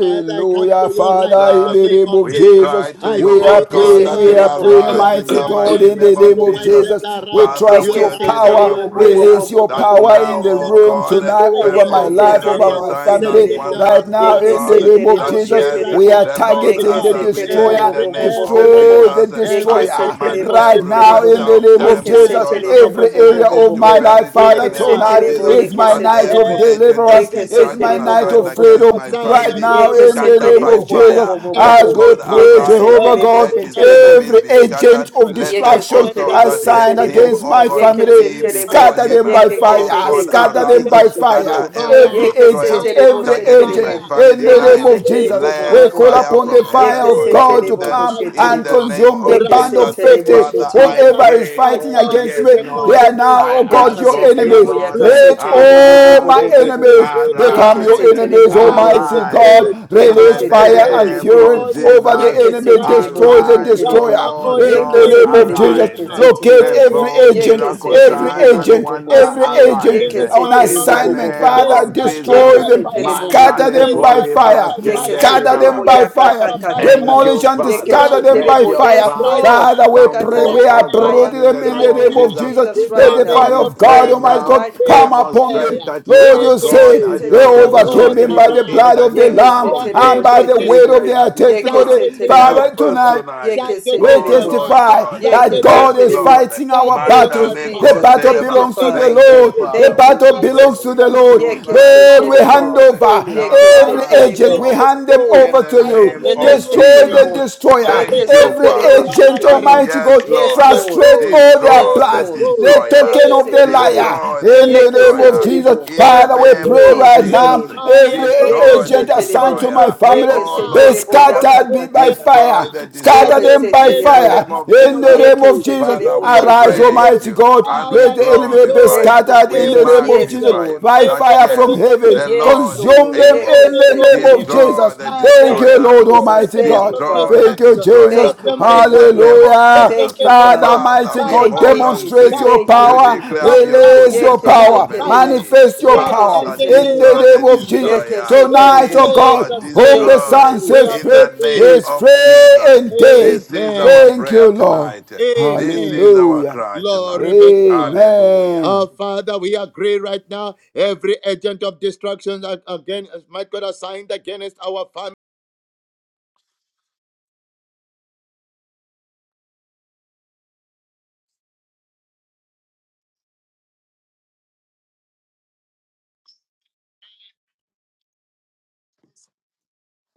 E: Father, I come to you right
C: Father,
E: now in
C: in
E: the
D: Jesus,
C: the
E: name
C: name
E: of
C: of
D: we
E: Jesus.
C: Jesus,
D: cry to
E: I
D: you,
C: we
D: oh
C: are
E: pray,
B: Yeke
E: oh
D: God,
C: praying,
D: that
C: we
E: God,
D: you'll
C: are
B: setere bo.
E: that
C: praying,
D: arise
E: Lord,
D: in
C: mighty
E: you
D: the
E: are
C: God,
D: mighty
C: in
E: turning
C: the
D: name
C: name
D: of
C: of
D: Jesus.
E: situations
C: Jesus, we
E: around.
D: Father,
C: trust
E: You have
C: your
D: which is
E: either
B: Yekesetere
E: you
D: our
E: are
C: power,
B: bo bo bo
E: loosing
D: prayer
B: bo
C: release
E: the
B: bo
C: your
B: bo
D: that
E: bands
B: bo
E: of
C: power
B: bo
C: in
D: now,
C: the
B: bo bo
D: O
E: wickedness
B: bo bo
C: room
B: bo.
D: God,
E: and
C: tonight
E: doing
C: over my
E: the
D: perform
E: heavy
C: life, over
D: miracle
B: Yekesetere
E: burden,
B: bo
C: my
D: signs
C: family,
D: and
E: setting
B: shetere bo.
E: the
C: right
D: wonders, O
C: now,
E: oppressed
C: in the
E: free.
D: God,
C: name of
B: Yekesetere
E: I
B: bo
D: that
C: Jesus,
E: pray
D: yes,
E: right
B: shetere
C: we
B: bo.
C: are
E: now,
D: the Lord
E: Almighty
C: targeting
D: has
C: the
E: God,
B: Yekesetere bo
D: arisen in
B: bo
C: destroyer,
D: the
E: every,
B: bo bo
D: name
B: bo bo
D: of
E: every
B: bo
E: right
C: destroy
B: bo.
E: now,
C: the
D: Jesus. I
E: every
C: destroyer,
E: agent
D: command
B: Yekesetere
E: of
B: bo
C: right
D: every
B: shetere
C: now,
B: bo.
D: waste
C: in
E: destruction
C: the
D: of
C: name of
D: time,
E: assigned
C: Jesus,
D: resource,
B: Yekesetere
D: and
B: bo bo
C: every
E: against
B: bo
E: my
B: bo
C: area
B: bo
D: opportunities
C: of
B: bo
D: to
B: bo.
C: my
E: family
C: life.
D: perish in
E: right
D: the
C: Father,
D: name
E: now
D: of
C: tonight
B: Yekesetere
E: through
B: bo
D: Jesus,
C: is my
E: reward,
D: that
C: night
B: yekesetere
C: of
D: every
B: bo.
E: every
D: agent
C: deliverance,
D: of
E: agent of
C: is my
D: destruction
B: Yekesetere bo
C: night
B: bo
E: destruction
D: assigned
C: of
B: bo bo bo.
D: against
C: freedom.
D: my
E: assigned
C: Right
D: family
C: now,
E: against
C: in
E: my
C: the
D: scatter
C: name
B: Yekesetere
D: by
E: family
B: bo
C: of
B: bo bo
C: Jesus,
D: fire.
B: bo
E: right
B: bo
E: now
B: bo
D: Let
C: as
E: through
B: bo.
C: we
E: to
D: God
E: death.
C: pray,
D: arise
C: Jehovah
B: Yekesetere bo
C: God,
D: let
E: Every
D: his
B: shetere bo.
E: agent
D: enemies
C: every
E: of
D: be scattered.
C: agent of
E: destruction
D: Let
B: Yeke
D: them
B: se
C: destruction
E: assigned
D: also
B: terebo
D: that
B: se
E: against
D: hate
C: assigned
E: my
B: terebo.
D: him,
C: against
D: O
C: my
E: children,
D: God,
B: Yeke
C: family,
B: se
D: flee
E: against my
B: terebo.
D: before
C: scatter
E: wife,
D: him.
C: them by
B: Yeke ke
D: O
E: against
B: ke
C: fire,
B: ke
D: God,
E: me,
B: ke
C: scatter
B: ke ke
C: them
D: arise
B: ke
D: and
C: by
B: se
E: scattered by
C: fire.
D: scatter
B: terebo.
D: every
E: fire,
C: Every
B: Yeke se
D: destroyer
C: agent,
E: fire,
B: terebo
C: every
B: se
D: targeting
C: agent,
D: my
B: terebo.
E: fire,
C: in
D: family
C: the
B: Yeke
C: name
E: fire,
D: line.
B: se
C: of
E: be
C: Jesus,
B: terebo bo bo
D: Let
C: we
E: devoured
B: bo
C: call
E: by
B: bo
C: upon
D: fire
B: bo.
C: upon the
D: from
E: fire,
C: fire
D: heaven
B: Yeke
C: of
E: be
B: se
C: God to
D: consume
B: terebo
E: consumed
B: bo
D: them
C: come
E: by
B: se
D: in
C: and
D: the
B: terebo.
E: fire.
D: name
C: consume the
D: of
B: Yeke
E: Right
C: band
B: se
E: now, in
C: of
D: Jesus.
E: the
B: terebo
E: name
C: 50.
B: se
E: of
D: Father, I
B: terebo.
E: Jesus,
C: Whoever is
D: pray.
E: my
C: fighting
D: Oh,
E: God
C: against
E: is
D: yes,
C: me,
E: a
C: they are
D: Lord.
E: consuming
C: now,
D: I
C: oh God,
E: fire.
D: ask
C: your
D: of
E: I
B: Yakasetele
D: you,
E: am
C: enemies.
B: bo
E: a
D: Lord,
E: flame of
C: Let
B: yakasetele bo bo
E: fire.
B: bo
C: all
B: bo
C: my
B: bo bo
D: arise,
E: Isn't
B: bo bo.
E: this
C: enemies
E: word like
C: become your
D: arise,
E: fire?
B: Yekesetele
C: enemies,
B: bo bo bo
E: I
B: bo bo
C: Almighty
B: bo.
D: arise
E: decree,
C: God.
D: in the
C: Release
E: I
B: Yekeshetele
C: fire
B: bo
C: and
E: decree,
D: name
B: shetele
C: fury
B: bo.
D: of
E: all you
C: over the
D: Jesus.
E: agents
C: enemy.
E: right
B: Yekesetele bo
C: Destroy
E: now,
B: bo
C: the
D: Arise,
B: shetele
E: right
D: O
B: bo.
C: destroyer.
E: now, all
D: Lord
E: you
C: In the
D: God,
C: name of
B: Yekesetele
E: agents
B: bo
E: right
C: Jesus,
E: now,
D: arise.
B: yekesetele
C: locate
B: bo.
E: every
C: every
D: Perform
E: agent
C: agent,
E: of
D: miracle
B: Yekesetele
C: every
B: bo
D: sign
B: bo
E: destruction
D: and
B: bo
C: agent,
B: bo bo.
D: wonder,
C: every
E: assigned
C: agent
D: arise.
C: agent
B: Yeke
E: against
B: se
C: on
E: my
B: tere
D: In
B: bo
D: the
B: bo
E: family,
B: bo
C: assignment.
B: bo
D: name
B: bo.
E: be
C: Father,
D: of
E: scattered
D: Jesus,
B: Yeke
C: destroy
E: by
B: se
C: them,
B: tere
E: fire,
B: bo bo bo
C: scatter
B: bo
D: Mandale
C: them
E: be
B: bo bo
C: by
E: scattered
D: Koli
C: fire,
E: by
B: Yeke se
E: fire,
D: Braskenderi
C: scatter
B: tere
C: them
B: bo
D: baba.
C: by
E: be
B: yaka
C: fire,
B: ka
E: scattered
B: ka
E: by
B: ka ka.
D: Thank
C: demolish
E: fire,
D: you,
C: and
B: Yeke
D: Father.
B: se
C: scatter
E: right
C: them
B: tere
D: Let
C: by
B: bo.
E: now,
D: your
C: fire.
B: Yes,
E: right
D: fire
B: Lord.
C: Father,
E: now,
C: we
D: come
B: Scatter
C: pray,
B: them
D: forth,
E: right
C: we
B: by
D: oh
E: now,
C: uproot
B: fire
D: God, in
C: them
D: the
B: in
C: in
D: name
B: the
E: right
C: the
D: of
C: name
B: name
E: now,
C: of
B: of
D: Jesus.
C: Jesus.
B: Jesus
E: in
B: right
C: Let
E: the
C: the
D: Father,
B: now.
E: name
C: fire
D: we
E: of
C: of God,
B: Right
D: pray
B: now,
C: Almighty
E: Jesus,
D: now,
C: God,
B: right
E: we
C: come
B: now.
C: upon them.
D: demonstrate
E: declare,
D: that you
E: we
C: Lord,
D: are
C: you
D: God
B: Yeke
E: decree.
D: and
C: said
D: you
B: se
C: they
D: are
B: tere
E: Oh
D: God
B: bo she
E: God,
C: overcame him
D: alone.
B: tere
C: by the
B: bo.
E: arise.
D: In
C: blood
D: the
C: of the
B: Yeke
D: name
C: Lamb
B: se
E: Scatter
D: of
B: tere
C: and
B: bo
C: by
D: Jesus.
B: she
E: every
C: the
B: tere
C: weight
B: bo.
C: of
E: destroyer
D: Thank
C: their
D: you,
B: Yeke
D: Father.
B: se
C: testimony.
E: targeting
B: tere
E: my
B: bo.
C: Father,
D: Help us
E: children,
C: tonight.
D: tonight.
B: Yeke se
E: targeting
C: We
B: tere
D: Oh,
E: my
B: bo.
D: Lord
E: wife,
C: testify
D: God.
C: that
B: Yeke se
E: targeting
C: God
D: Yes,
C: is
B: tere
E: me,
B: bo.
D: Lord.
C: fighting our
E: targeting
B: Thank you,
E: my
C: battles.
D: Mandale
C: The
E: family,
B: Jesus.
C: battle
D: kosere
B: Thank you,
D: baba.
C: belongs to the
E: targeting
B: Father.
D: Thank
E: the
D: you,
C: Lord. The
E: business,
D: Father.
B: Thank you,
D: We
C: battle belongs
B: Jesus.
E: targeting
C: to
D: pray
C: the
E: the
C: Lord.
E: ministry,
B: Yeke
D: tonight,
C: Lord, we
D: oh
E: targeting
C: hand
B: setelebo.
E: the
D: God.
C: over
E: calling.
B: Yeke
E: Right
C: every
E: now,
D: Arise,
C: agent.
E: be
C: We
B: setelebo.
D: Lord
C: hand them
E: destroyed.
D: in
C: over to
D: the
E: Right now, in
C: you.
D: name
E: the
B: Yeke
E: name
D: of
E: of
C: Destroy
D: Jesus.
C: the
E: Jesus.
B: setelebo.
C: destroyer.
B: Yeke
D: Thank
E: Mareke
D: you,
C: Every
E: toro
B: setelebo
D: Father,
C: agent,
D: that
B: shetelebo.
E: barakarama.
C: Almighty God,
D: yes,
E: Be
B: Yes,
D: Lord,
B: Lord.
C: frustrate
E: destroyed.
C: all their
B: Yes,
E: Be
D: destroy the
C: plans.
B: Lord.
E: destroyed.
C: The
D: destroyer,
C: token
B: Yeke
E: Be
C: of the
B: setelebo.
E: destroyed.
C: liar.
D: destroy the
C: In
E: Be
C: the
B: Yeke
C: name of Jesus.
D: destroyer
E: destroyed.
C: Jesus.
B: setelebo.
D: in the
E: Be
C: Father, we
D: name
B: In
E: destroyed.
C: pray
D: of
C: right
B: Jesus'
E: Let
C: now.
D: Jesus.
B: name.
E: fire
C: Every
E: from
B: Yeke
D: Destroy
E: heaven
D: the
C: agent assigned
B: setelebo.
C: to my
E: consume
D: destroyer.
E: them
C: family
B: Yeke
D: Oh,
C: be
E: now.
D: Lord
B: setelebo
D: God,
C: scattered be
E: Consume
C: by
E: them
B: yakakakaka.
D: destroy
C: fire.
E: now.
D: the
E: As
C: Scatter
D: destroyer
B: Yeke
E: you
C: them by
D: in
E: did
D: the
E: for
B: setelebo.
E: the
C: fire.
D: name of
E: captain
C: In
E: of
C: the
D: Jesus.
C: name
B: Yeke
C: of
E: pieces,
C: Jesus.
E: you
D: Father,
B: setelebo
D: we
C: Arise,
E: consume
B: shetelebo.
D: praise
E: them.
C: Almighty
D: you
C: God.
D: and we
C: Let
E: Father,
C: the enemy be
E: consume
D: glorify you.
B: Thank you,
C: scattered
D: We
C: in the
B: Jesus.
E: every
C: name of
B: Yes,
C: Jesus.
E: agent,
D: magnify you
B: Lord.
C: By
D: that
E: every
C: fire from
E: agent
D: yes,
E: of
D: the
C: heaven.
B: Yes,
D: Lord
E: destruction.
D: is
C: Consume
B: Lord.
E: In
C: them
E: the
D: able.
C: in
E: name of
C: the name
E: Jesus,
C: of
B: Yekesetelebo.
D: Destroy
C: Jesus.
D: the
E: Father,
C: Thank
B: Thank
C: you,
B: you,
D: destroyer.
C: Lord
E: every
B: Jesus.
C: Almighty
E: agent
B: Thank
C: God.
B: you,
E: of
D: Destroy
B: Father.
D: the
C: Thank you,
E: destruction,
C: Jesus.
E: let
D: destroyer.
B: Thank you,
E: them be
D: In
B: mighty
D: the
B: King.
D: name
E: consumed.
D: of
E: Let
C: Hallelujah.
E: them
B: Thank
D: Jesus.
E: be
B: you,
C: Father,
E: consumed
B: Father.
D: Father,
C: mighty
E: by
D: we
C: God,
B: Thank you,
D: hold
E: fire,
D: on to
B: Jesus.
C: demonstrate
E: by
D: you
C: your
B: Thank you,
D: to
E: fire,
C: power,
D: declare
B: Jesus.
E: by
D: of your
C: release
E: fire,
C: your
D: goodness and
E: by
D: your
C: power,
E: fire
B: Yekesetelebo.
D: mercy.
C: manifest your
E: right now
C: power
E: in
D: Father,
E: the
C: in
B: Yekesetelebo.
E: name
C: the
E: of
D: destroy
C: name
D: the
C: of
E: Jesus.
C: Jesus.
D: destroyer.
E: In
C: Tonight,
B: Yekesetelebo.
C: oh
D: Please,
C: God,
D: Lord,
E: Jesus'
C: whom
E: name,
C: the
B: Thank you,
D: destroy
C: Son
E: we
C: says
E: have
B: Jesus.
D: in
C: free
D: the name
E: decreed.
C: is
D: of
C: free
D: Jesus.
C: indeed.
D: This is our
E: Amen.
C: Thank
D: prayer
C: you, Lord.
D: tonight. This is
E: Amen.
D: our
C: Hallelujah.
D: cry
E: Glory
D: tonight.
E: be to God.
D: Hallelujah.
C: Amen.
E: Our Father, we agree right now. Every agent of destruction that again, as might God assigned against our Father.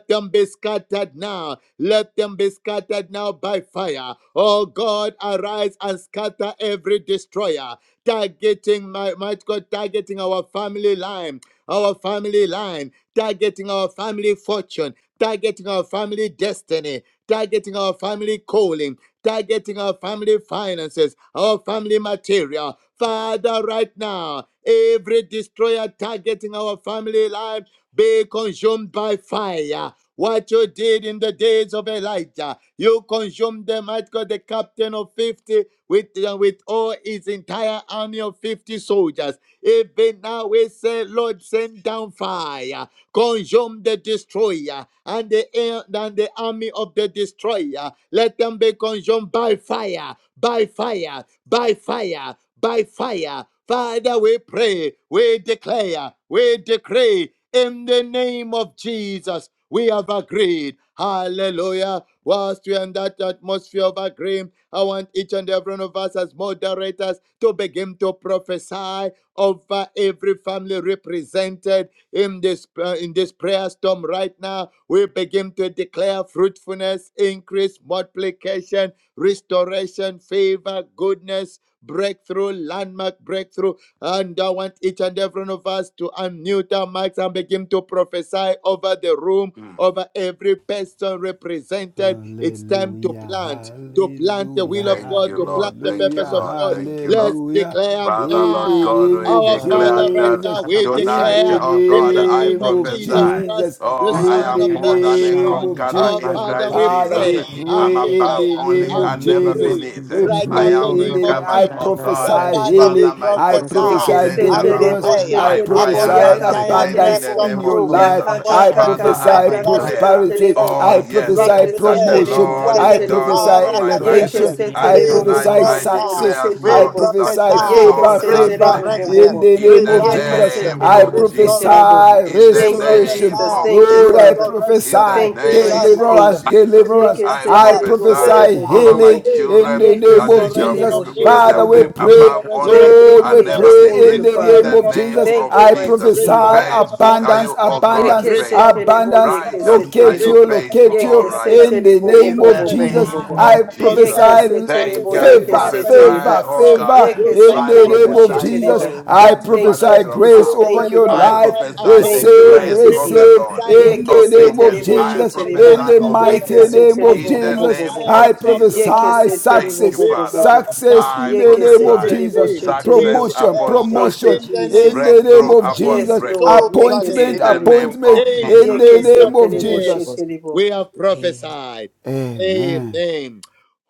E: them be scattered now. Let them be scattered now by fire. Oh God, arise and scatter every destroyer. Targeting my might God, targeting our family line, our family line, targeting our family fortune, targeting our family destiny, targeting our family calling, targeting our family finances, our family material. Father, right now, every destroyer targeting our family life be consumed by fire what you did in the days of Elijah, you consumed the might God, the captain of 50, with, uh, with all his entire army of 50 soldiers. Even now we say, Lord, send down fire. Consume the destroyer and the air and the army of the destroyer. Let them be consumed by fire, by fire, by fire, by fire. Father, we pray, we declare, we decree in the name of Jesus. We have agreed. Hallelujah. Whilst we are in that atmosphere of agreement, I want each and every one of us as moderators to begin to prophesy over every family represented in this uh, in this prayer storm right now we begin to declare fruitfulness increase multiplication restoration favor goodness breakthrough landmark breakthrough and i want each and every one of us to unmute our mics and begin to prophesy over the room
D: Mm.
E: over every person represented it's time to
C: Hallelujah,
E: plant to plant the will
C: hallelujah,
E: of
D: Thank
E: god
D: you,
E: to plant
D: Lord.
E: the
D: Thank you,
E: purpose
C: hallelujah,
E: of
D: Lord.
E: god
D: Thank you, Lord.
E: let's
C: hallelujah.
E: declare
D: Father,
C: In
D: Lord
C: the
E: now
D: God,
C: name
D: we
C: of
E: our
G: Thank
E: Father,
D: declare
E: right
D: that
C: Jesus,
E: now we
C: in
D: tonight,
E: declare
C: the
D: oh
E: in
D: God,
E: the
D: I
E: name
C: name
E: of
C: of
E: Jesus
F: about
D: prophesy.
E: Christ,
C: Jesus,
E: the
D: Oh,
F: that,
D: I
C: in
E: Son of
D: am
C: the
D: more
E: the
D: than
E: living
D: a
C: name
E: God.
C: of
D: conqueror
E: Our
D: in
C: Jesus.
E: Father,
D: Christ
E: we
C: Father,
D: Jesus.
C: we
E: pray and
D: I'm
C: pray in
D: above
E: declare
C: the
D: only
C: name of
E: and
D: and never
C: Jesus.
E: decree
D: beneath.
C: We
E: right
D: I
E: now in the
D: am
C: pray in
E: name
C: the
E: of
C: name.
D: recovered,
C: I
E: Jesus.
D: oh
E: The
D: God.
C: prophesy
E: Father, we
C: healing.
D: Father, my
C: I
D: fortunes
E: prophesy
D: have
B: Yeke
C: prophesy
D: turned
E: and
D: around.
C: deliverance.
B: seterebo
E: declare
C: I
D: My
E: upon
B: seterebo
D: fire
E: the
C: prophesy
D: has
B: yaka
E: entire
D: returned in
C: abundance
D: the
B: seterebo
E: Preston
C: in
D: name
C: your
D: of
E: room,
C: life.
D: Jesus.
B: yaka
E: upon
C: I
B: kaka
E: every
D: Father, I
B: kaka
C: prophesy
E: family that
F: God,
B: kaka
E: is
D: declare.
C: prosperity.
B: seterebo
D: Oh,
E: represented
C: I
D: yes,
E: from
D: eh,
C: prophesy
B: yeke
D: that the
E: today,
C: promotion.
B: seterebo
D: Lord
E: what
C: I
D: is
E: the
D: God
C: prophesy
B: seterebo
D: over
E: devourer
D: my
E: has
D: life.
B: yeke
D: eh,
C: elevation.
E: taken,
C: I
D: And
E: be
B: seterebo bo
D: tonight
B: bo
C: prophesy
E: restored
B: bo
G: you.
D: I
B: bo bo bo
E: now.
C: success.
D: declare
E: We
C: I
D: so
B: seterebo
G: Jesus.
D: that
C: prophesy
G: We
D: the
G: pray
E: prophesy
B: yeke
G: for
C: favor,
D: Lord
G: the
D: has
C: favor
G: young
D: made
B: seterebo
G: man
B: bo
D: it.
G: of
B: bo
E: restoration,
C: in
B: bo
G: God.
C: the
D: In
C: name
D: the
C: of
G: In the
B: yeke
C: Jesus.
G: mighty
E: resurrection,
D: name
C: I
G: name
D: of
B: seterebo
G: of Jesus.
E: restoration.
D: Jesus.
B: seterebo
G: we
C: prophesy
D: In the
E: We
B: Thank you
G: receive the
C: restoration.
D: name
B: Jesus
E: prophesy
D: of
B: thank you
C: Lord,
D: Jesus.
C: I
B: Father
E: restoration,
D: In the
C: prophesy
B: thank you
D: name
B: mighty
G: grace of
D: of
B: King
E: resurrection.
C: deliverance,
E: We
D: Jesus.
G: God.
C: deliverance.
B: yeke
D: I
C: I
E: prophesy
B: seterebo bo bo
D: prophesy
C: prophesy
B: bo
E: favor,
B: bo
D: over
B: bo
D: my
C: healing
B: bo
E: favor,
C: in
D: children
C: the
G: In the
B: yeke
C: name
D: that they
G: mighty
C: of
D: shall
E: restoration
D: be,
C: Jesus.
E: of
B: seterebo
G: name of
E: favor,
D: shall
C: Father,
G: Jesus.
D: be
C: we
B: seterebo
G: we
C: pray.
D: above
G: pray for the
E: restoration
G: young man of God. In
E: of
D: only
B: Thank you,
C: Lord, we
D: and
G: the mighty name
E: fruitfulness,
D: never
B: Jesus.
G: of
C: pray
B: Thank
C: in
B: you,
D: beneath
C: the
D: in
C: name
B: Father.
D: the
E: restoration
C: of
E: of
D: name
C: Jesus.
B: Thank
D: of
E: breakthrough,
B: you,
C: I
B: mighty
G: Jesus, I
D: Jesus.
G: receive
B: King.
G: the love of God. We pray for the young man
C: prophesy
E: restoration of
D: Faithful are
C: abundance,
D: you, O
E: abundance,
D: God,
C: abundance,
B: Yeke
D: faithful.
E: restoration of
B: seterebo,
C: abundance.
B: yeke
E: joy,
D: Righteous are
C: Locate
B: seterebo.
D: you
C: you,
E: restoration
D: faithful,
C: locate
E: of
D: all
C: you
B: Yeke
E: goodness.
D: righteous.
C: in the
B: seterebo,
E: We
B: bo,
C: name
D: In
B: bo,
C: of
D: the
B: bo, bo,
E: prophesy
B: bo,
C: Jesus.
B: bo,
D: name
B: bo.
C: I
D: of
E: upon
D: Jesus,
B: Yeke
E: every
C: prophesy
E: family
D: thank
B: seterebo,
D: I
B: yeke
C: Favor,
E: represented in
B: seterebo.
E: prayer.
D: prophesy,
C: favor,
D: oh
E: storm.
D: God.
C: favor
E: You
B: Yeke
E: shall
C: in
D: I
C: the
E: lack
B: seterebo,
C: name
G: of
C: of
E: nothing,
G: God.
D: prophesy
C: Jesus.
E: God,
B: sheterebo.
D: strength
G: Not
C: I
E: from
D: and
G: to
B: Thank
E: today.
B: you,
C: prophesy
D: supernatural
B: Jesus.
C: grace
E: You
D: power.
C: over
E: we
B: Thank you,
C: your
D: I
E: prophesy
B: Father.
C: life.
G: pray
D: prophesy
E: abundance.
D: the
B: Thank you,
C: Receive,
G: for
D: grace
B: mighty
E: We
D: of
G: the
D: the
B: King.
C: receive
D: Lord.
E: prophesy good
C: in
B: Yeke
C: the
E: news.
C: name of
D: Obedience.
G: Thank
B: seterebo,
E: We
D: I
C: Jesus.
D: prophesy
B: sheterebo.
C: In
E: prophesy
C: the
B: Yeke
C: mighty
E: deliverance.
D: obedience
C: name of
B: seterebo,
D: in
E: Upon
B: bo,
D: the
B: bo,
E: Mount
C: Jesus,
B: bo,
D: name
B: bo,
E: Zion
B: bo.
E: there
C: I
D: of
E: shall be
D: Jesus.
B: Yeke
C: prophesy
E: deliverance.
B: seterebo,
D: Thank you,
C: success,
B: bo,
E: We
B: bo, bo,
D: Father.
B: bo.
C: success
E: prophesy.
D: I
C: in the
B: Yeke
C: name
E: We
B: se
C: of
D: prophesy
B: terebo
C: Jesus.
E: decree.
B: she
E: We
B: terebo.
D: success
C: Promotion,
D: upon
E: declare.
B: Thank you,
C: promotion
E: In
D: success,
E: the name
C: in
B: Jesus.
E: of
C: the name
D: breakthrough
C: of
E: Jesus.
D: upon
B: Yes,
C: Jesus.
B: Lord.
E: So
D: breakthrough
E: shall
B: Yeke
E: it
B: se
C: Appointment,
D: in
E: be.
D: the name
B: terebo.
C: appointment
D: of
E: In
C: in the
B: Yeke
D: Jesus.
B: se
C: name
E: Jesus'
C: of
B: terebo
E: name,
B: she
C: Jesus.
B: terebo.
E: we have
G: you.
E: prophesied.
C: Amen.
E: Amen.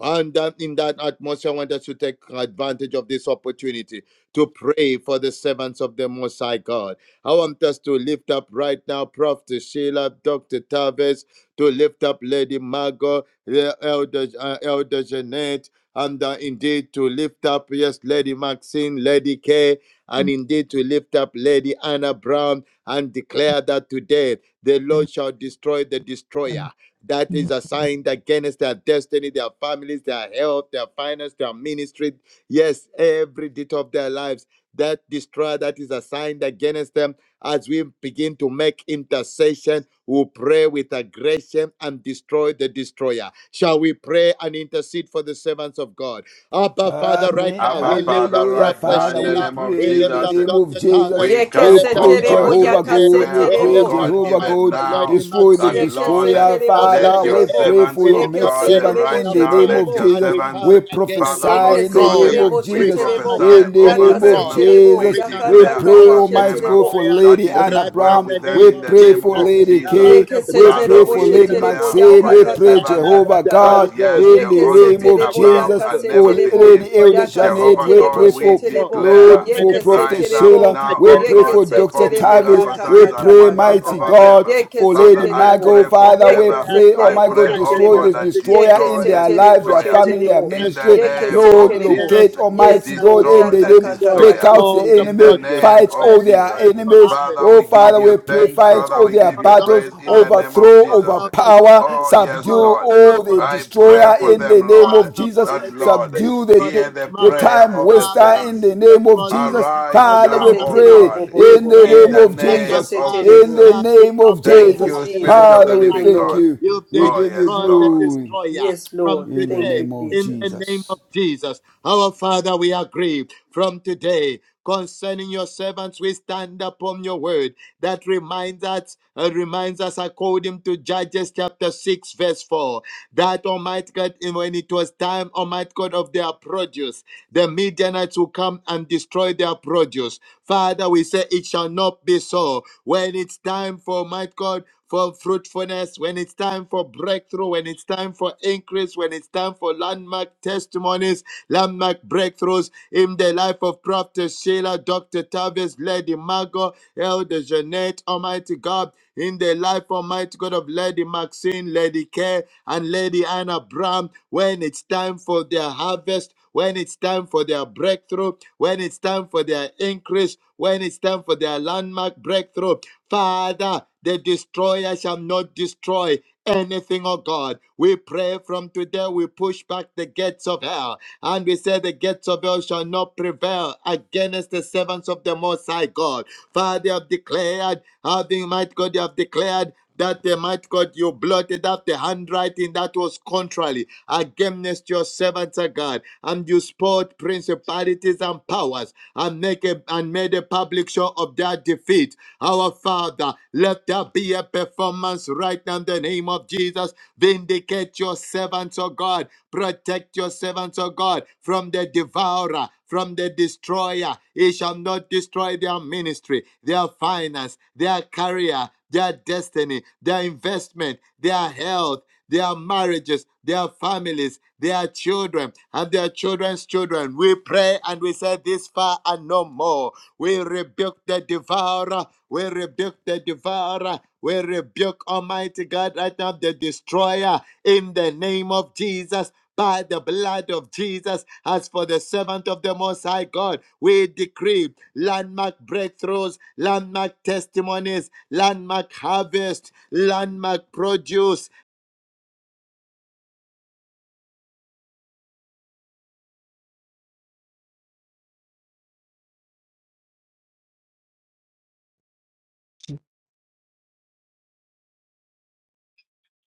E: And that in that atmosphere, I want us to take advantage of this opportunity to pray for the servants of the Most High God. I want us to lift up right now Prof. Sheila, Dr. Tavis, to lift up Lady Margot, the Elder, uh, Elder Jeanette, and uh, indeed to lift up, yes, Lady Maxine, Lady Kay, and indeed to lift up Lady Anna Brown and declare that today the
F: and
E: Lord shall destroy the
F: the
E: destroyer that is assigned against their destiny, their families, their health, their finance, their ministry. Yes, every detail of their lives. That destroyer that is assigned against them, as we begin to make intercession, we pray with aggression and destroy the destroyer. Shall we pray and intercede for the servants of God? Abba, Father, right
C: Amen.
E: now
D: Abba
E: we lift
D: Father,
E: up
C: Hallelujah.
D: right
E: Prophet
D: now,
C: Father,
D: in the
C: we
E: Sheila
D: name of
E: we
C: pray in
E: lift
C: the
D: Jesus,
E: up
C: name of
E: Dr.
C: Jesus.
E: Tavis.
D: we
E: We
B: Yeke
C: We
D: come,
E: lift
B: se
E: up
C: pray,
D: O
E: Elder
B: terebo
D: God, to
C: Jehovah
B: yaka
E: Jeanette.
B: se
C: God. We
D: declare,
E: We
D: O
C: pray,
E: lift
B: terebo.
E: up
D: God,
C: Jehovah
E: Almighty
D: even
C: God.
E: God,
D: now
E: Lady
C: Destroy the
E: Maxine.
D: that,
B: Yeke se
D: Lord,
E: We
C: destroyer,
E: lift
B: terebo
E: up
B: she
D: let
C: Father.
E: Lady
D: your
C: We
E: Kay.
B: terebo.
C: pray
D: servants,
C: for
E: We
C: your
D: O
E: lift
B: Yeke
C: maid
E: up
B: se
D: God,
E: Lady
C: servant
B: terebo
D: right
C: in
E: Anna
C: the
B: she
D: now,
C: name
E: Brown.
D: let
C: of
B: terebo.
D: your
E: And
C: Jesus.
E: we
D: servants,
E: come
C: We
E: against
D: Father,
E: the
C: prophesy
B: Yeke
D: Lord
C: in the
B: se
D: God,
C: name
E: destroyer.
C: of
B: terebo she
D: we
E: We
C: Jesus.
E: come
B: terebo.
D: prophesy
C: In
E: against
C: the
E: the
D: over
B: Yaka
C: name of
B: se
D: them.
E: destroyer.
B: terebo.
D: We
C: Jesus,
E: We come
B: Yaka
C: we
E: to
D: declare
C: pray,
E: destroy
B: kaka
D: over
B: she
E: the
C: Almighty
D: them
C: God,
B: terebo.
C: for
E: destroyer
D: that
C: Lady
D: it
C: Anna
D: is
E: right now in
D: well
C: Brown.
D: with
E: the
D: them
C: We
E: name
D: in
E: of
D: the
C: pray
D: name
C: for
E: Jesus,
D: of
C: Lady
E: and by
D: Jesus.
C: Kay.
E: the
B: Yeke se
C: We
E: blood
D: Father,
C: pray
E: of
B: terebo
C: for
D: we
B: she
C: Lady
E: Jesus,
B: terebo
D: declare
E: and
C: Maxine.
E: by
D: over
B: yaka
C: We
D: your
E: the
B: ka ka
C: pray,
B: ka
E: fire
D: servants
B: ka
E: of
B: ka
C: Jehovah
E: the
B: ka
D: that,
E: Holy
B: ka.
C: God,
E: Ghost.
D: yes,
C: in
D: they'll
C: the
B: Yeke
E: We
D: only
B: se
C: name
D: be
E: come
C: of
B: terebo
D: above
E: against
B: yaka
C: Jesus
E: you.
D: and
B: se
C: for
D: never
E: We
B: terebo.
C: Lady
D: beneath.
E: destroy
C: Elder
E: your
B: Yaka se
C: Janet.
D: Jehovah
E: influence
C: We
E: and
B: terebo
D: God,
E: your
C: pray
D: we
B: she
C: for
E: control,
B: terebo.
E: your
D: declare.
C: Lord, for
B: Yeke se
C: Prophet
D: Rise
E: manipulation
D: up
B: terebo.
C: Sheila.
D: now,
C: We
D: O
E: against
C: pray
E: our
B: Yeke
C: for
D: God,
B: se
C: Dr.
E: destiny.
D: perform
B: terebo
E: We
C: Tavis.
D: miracle
E: have
B: yaka
C: We
D: signs
E: seen
B: ka
D: and
E: what
B: ka
E: the
C: pray,
B: ka
E: word
B: ka
D: wonders
E: of
C: mighty
B: ka.
D: over
E: God
D: them.
C: God,
E: declares.
B: Yeke
C: for
B: se
D: Father,
C: Lady
D: I
E: Amen. When
B: terebo.
C: Michael.
E: the
D: pray for
E: bride
C: Father, we
B: Yeke
D: favor.
E: declared
B: se
C: pray, oh
D: I
C: my
E: in
B: terebo
D: pray,
C: God,
B: she
D: O
E: Judges
C: destroy
D: God,
B: terebo.
C: this
E: chapter
D: that
E: 6, verse
C: destroyer
B: Yeke
C: in
D: destroy
B: se
E: 4,
D: the
C: their lives,
B: terebo
E: that
C: their
B: she
E: when
D: destroyer.
E: it
C: family,
E: was
C: their
B: terebo.
D: In
E: time
D: the
E: for
C: ministry.
B: Yeke
D: name
E: harvest,
B: se
C: Lord,
D: of
B: terebo.
E: yes,
C: locate,
D: Jesus,
E: the
B: Yes,
C: Almighty
E: Midianites to
C: God,
B: Lord.
C: in
E: come
D: destroy
C: the
E: and
D: the
B: Yaka
C: name.
B: ka ka
E: destroy
B: ka
C: Take
D: destroyer.
B: she
C: out
E: all
C: the
E: the
B: terebo.
D: In the
C: enemy.
E: produce.
D: name
C: Fight all
E: When
D: of
E: it's
C: their
E: time
D: Jesus.
E: for
C: enemies
E: harvest,
D: Father,
C: Oh,
D: we
E: for
D: give
C: Father, we
D: you
C: pray,
E: prophet
D: thanks.
C: fight
D: Father,
E: Sarah,
C: all
D: we
C: their
D: give
E: for
D: you
C: battles,
E: Dr.
D: praise in the
E: Harvest,
D: name of
C: overthrow,
E: for
D: Jesus.
E: Elder
C: overpower,
E: Shabbat,
D: Oh,
C: subdue
D: yes,
E: for
D: Lord.
C: all the
E: for
D: I
E: Lady
D: pray
C: destroyer
D: for
E: Maxine,
C: in the
D: them,
C: name
D: Lord.
C: of
E: Father, for
C: Jesus,
D: That,
E: Lady Kay,
D: Lord,
C: subdue the,
E: for
D: hear
C: the,
E: Lady
D: the
C: the
E: Margot,
D: prayer
C: time
D: of the
C: waster
E: Father,
C: in
D: saints.
C: the
E: yes,
C: name of
E: for,
C: Jesus.
E: for
D: Arise
E: Lady
C: Father,
B: Yeke
C: we
D: now,
B: se
E: Anna
D: O
E: Brock.
C: pray
B: terebo bo
D: God,
B: bo
E: We
B: bo
C: in
B: bo.
C: the
D: in
E: pray
C: name
D: the
C: of
E: that
B: Yeke
E: your
D: name
C: Jesus,
B: se
E: God
D: of
C: in
B: terebo.
C: the
D: Jesus.
E: Nothing
C: name
E: shall
C: of
B: Thank
D: Thank
E: prevail
B: you,
C: Jesus.
D: you,
E: against
D: Spirit
B: Jesus.
D: of
C: Father,
D: the
E: any
C: we
B: Thank
E: matter.
B: you,
D: Living
C: thank
B: Lord.
D: God.
C: you.
E: If
C: We
E: they
D: Oh,
C: give you
D: yes,
E: destroy the
D: Lord.
C: glory
E: destroyer
B: Yes,
E: from
B: Lord.
C: in the
B: Thank
E: today,
B: you,
C: name of
E: in the
B: Jesus.
E: name
C: Jesus.
E: of Jesus, our Father, we agree from today concerning your servants. We stand upon your word that reminds us, uh, reminds us according to Judges chapter 6, verse 4, that Almighty God, in- when it was time, Almighty God, of their produce, the Midianites will come and destroy their produce. Father, we say it shall not be so. When it's time for, my God, for fruitfulness, when it's time for breakthrough, when it's time for increase, when it's time for landmark testimonies, landmark breakthroughs in the life of Prophet Sheila, Dr. Tavis, Lady Margot, Elder Jeanette, Almighty God, in the life, Almighty God, of Lady Maxine, Lady Kay and Lady Anna Brown when it's time for their harvest, when it's time for their breakthrough, when it's time for their increase, when it's time for their landmark breakthrough. Father, the destroyer shall not destroy anything, oh God. We pray from today, we push back the gates of hell. And we say the gates of hell shall not prevail against the servants of the Most High God. Father, they have declared, having might God, they have declared that they might God you blotted out the handwriting that was contrary against your servants, O God, and you spoiled principalities and powers and make a, and made a public show of their defeat. Our Father, let there be a performance right now in the name of Jesus. Vindicate your servants, O God. Protect your servants, O God, from the devourer, from the destroyer. He shall not destroy their ministry, their finance, their career, their destiny, their investment, their health, their marriages, their families, their children, and their children's children. We pray and we say this far and no more. We rebuke the devourer. We rebuke the devourer. We rebuke Almighty God right now, the destroyer, in the name of Jesus by the blood of Jesus. As for the servant of the Most High God, we decree landmark breakthroughs, landmark testimonies, landmark harvest, landmark produce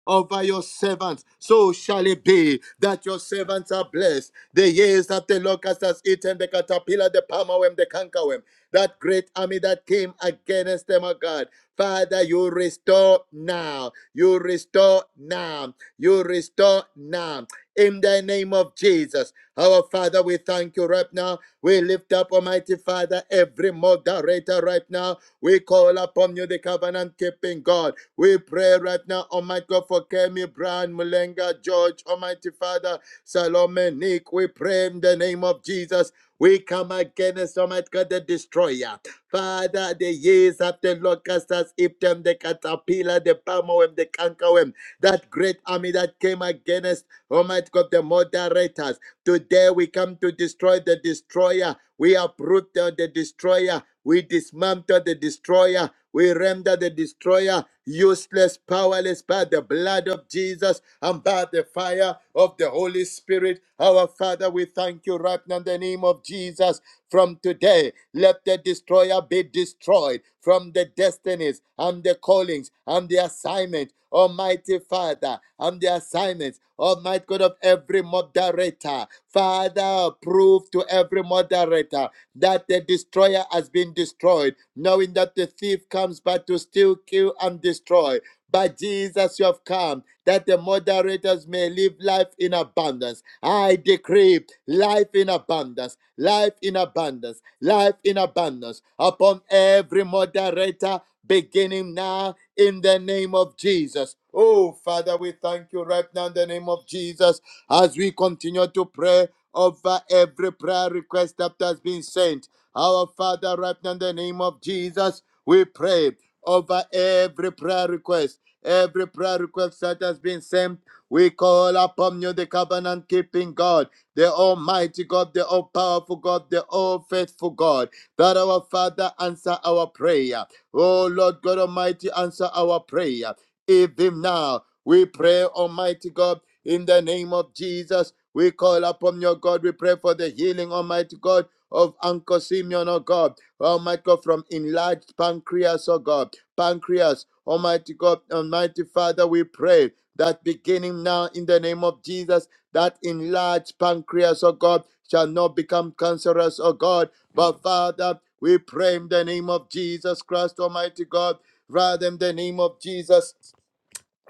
E: over your servants. So shall it be that your servants are blessed. The years that the locust has eaten, the caterpillar, the palmerworm, the cankerworm, that great army that came against them, O God. Father, you restore now. You restore now. You restore now. In the name of Jesus, our Father, we thank you right now. We lift up, Almighty Father, every moderator right now. We call upon you, the covenant keeping God. We pray right now, Almighty God, for Kemi Brown, Mulenga, George, Almighty Father, Salome, Nick. We pray in the name of Jesus. We come against Almighty God, the destroyer. Father, the years after locust has eaten them, the caterpillar, the palmworm, the cankerworm, that great army that came against Almighty God, the moderators. Today we come to destroy the destroyer. We uproot the the destroyer. We dismantle the destroyer we render the destroyer useless, powerless by the blood of Jesus and by the fire of the Holy Spirit. Our Father, we thank you right now in the name of Jesus. From today, let the destroyer be destroyed from the destinies and the callings and the assignment, Almighty Father, and the assignments, Almighty God of every moderator. Father, prove to every moderator that the destroyer has been destroyed, knowing that the thief comes but to steal, kill, and destroy. But Jesus, you have come that the moderators may live life in abundance. I decree life in abundance, life in abundance, life in abundance upon every moderator beginning now in the name of Jesus. Oh, Father, we thank you right now in the name of Jesus as we continue to pray over every prayer request that has been sent. Our Father, right now in the name of Jesus, we pray over every prayer request. Every prayer request that has been sent, we call upon you, the covenant keeping God, the Almighty God, the all powerful God, the all faithful God, that our Father answer our prayer. Oh Lord God Almighty, answer our prayer. Even now, we pray, Almighty God, in the name of Jesus we call upon your God. We pray for the healing, Almighty God, of Uncle Simeon, oh God. Almighty God, from enlarged pancreas, oh God. Pancreas, Almighty God, Almighty Father, we pray that beginning now in the name of Jesus, that enlarged pancreas, oh God, shall not become cancerous, oh God. But Father, we pray in the name of Jesus Christ, Almighty God, rather in the name of Jesus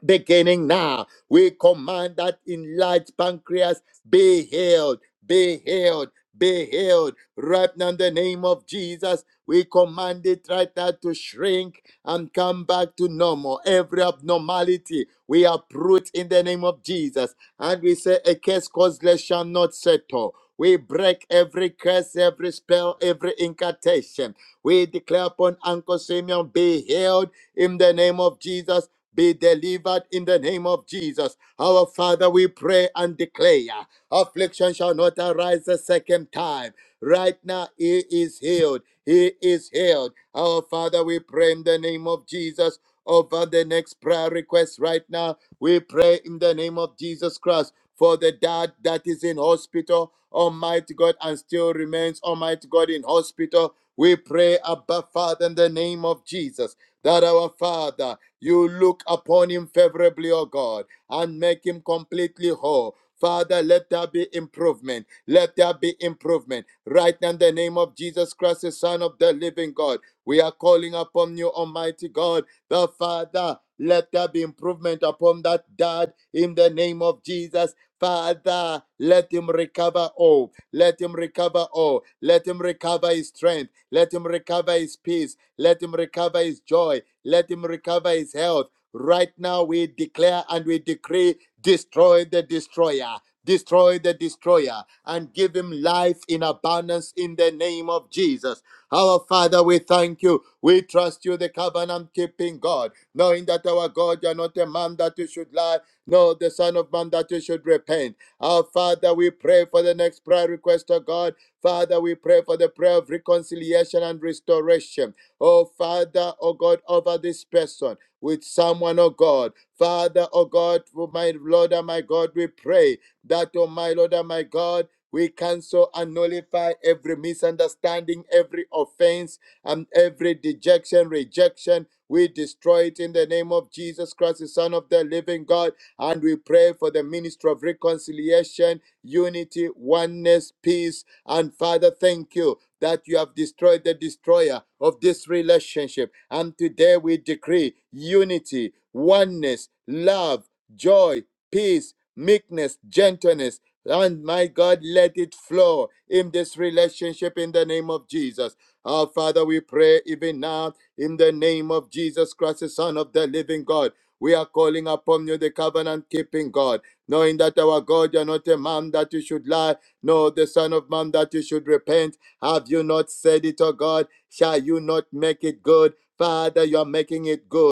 E: beginning now. We command that enlarged pancreas be healed, be healed, be healed. Right now, in the name of Jesus, we command it right now to shrink and come back to normal. Every abnormality we uproot in the name of Jesus. And we say, A case causeless shall not settle. We break every curse, every spell, every incantation. We declare upon Uncle Simeon, be healed in the name of Jesus be delivered in the name of Jesus. Our Father, we pray and declare affliction shall not arise a second time. Right now, he is healed. He is healed. Our Father, we pray in the name of Jesus over the next prayer request right now. We pray in the name of Jesus Christ for the dad that is in hospital, Almighty God, and still remains, Almighty God, in hospital. We pray, Abba Father, in the name of Jesus, that our Father. You look upon him favorably, O God, and make him completely whole. Father, let there be improvement. Let there be improvement. Right now, in the name of Jesus Christ, the Son of the living God, we are calling upon you, Almighty God, the Father. Let there be improvement upon that dad in the name of Jesus. Father, let him recover all. Let him recover all. Let him recover his strength. Let him recover his peace. Let him recover his joy. Let him recover his health. Right now, we declare and we decree destroy the destroyer. Destroy the destroyer and give him life in abundance in the name of Jesus. Our Father, we thank you. We trust you, the covenant keeping God, knowing that our God, you are not a man that you should lie, nor the Son of Man that you should repent. Our Father, we pray for the next prayer request of God. Father, we pray for the prayer of reconciliation and restoration. Oh, Father, oh God, over this person with someone, oh God. Father, oh God, for my Lord and my God, we pray that, oh my Lord and my God, we cancel and nullify every misunderstanding, every offense, and every dejection, rejection. We destroy it in the name of Jesus Christ, the Son of the living God. And we pray for the ministry of reconciliation, unity, oneness, peace. And Father, thank you that you have destroyed the destroyer of this relationship. And today we decree unity, oneness, love, joy, peace, meekness, gentleness. And my God, let it flow in this relationship in the name of Jesus. Our Father, we pray even now in the name of Jesus Christ, the Son of the living God. We are calling upon you, the covenant keeping God, knowing that our God, you're not a man that you should lie, nor the Son of Man that you should repent. Have you not said it, O God? Shall you not make it good? Father, you are making it good.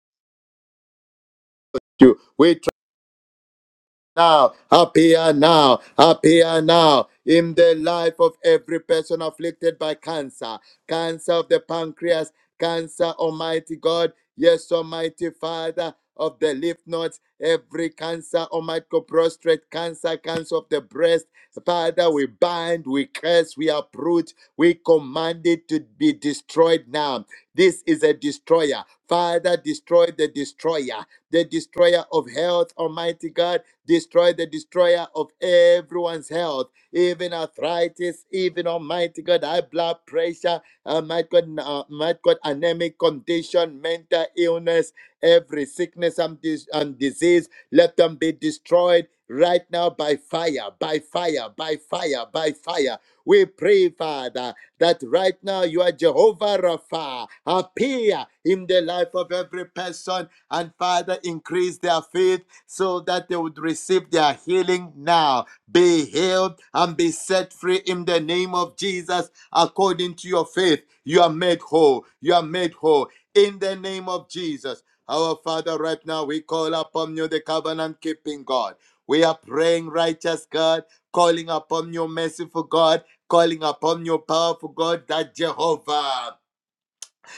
E: You. We now, appear now, appear now in the life of every person afflicted by cancer, cancer of the pancreas, cancer, Almighty God, yes, Almighty Father of the lymph nodes, every cancer, Almighty God, prostrate cancer, cancer of the breast. Father, we bind, we curse, we uproot, we command it to be destroyed now. This is a destroyer. Father, destroy the destroyer, the destroyer of health, Almighty God Destroy the destroyer of everyone's health, even arthritis, even Almighty God, high blood pressure, Almighty God, uh, Almighty God, anemic condition, mental illness, every sickness and, dis- and disease. Let them be destroyed right now by fire, by fire, by fire, by fire. We pray, Father, that right now you are Jehovah Rapha. Appear in the life of every person and Father, increase their faith so that they would receive their healing now. Be healed and be set free in the name of Jesus according to your faith. You are made whole. You are made whole in the name of Jesus. Our Father, right now we call upon you, the covenant keeping God. We are praying, righteous God, calling upon you, merciful God, calling upon you, powerful God, that Jehovah.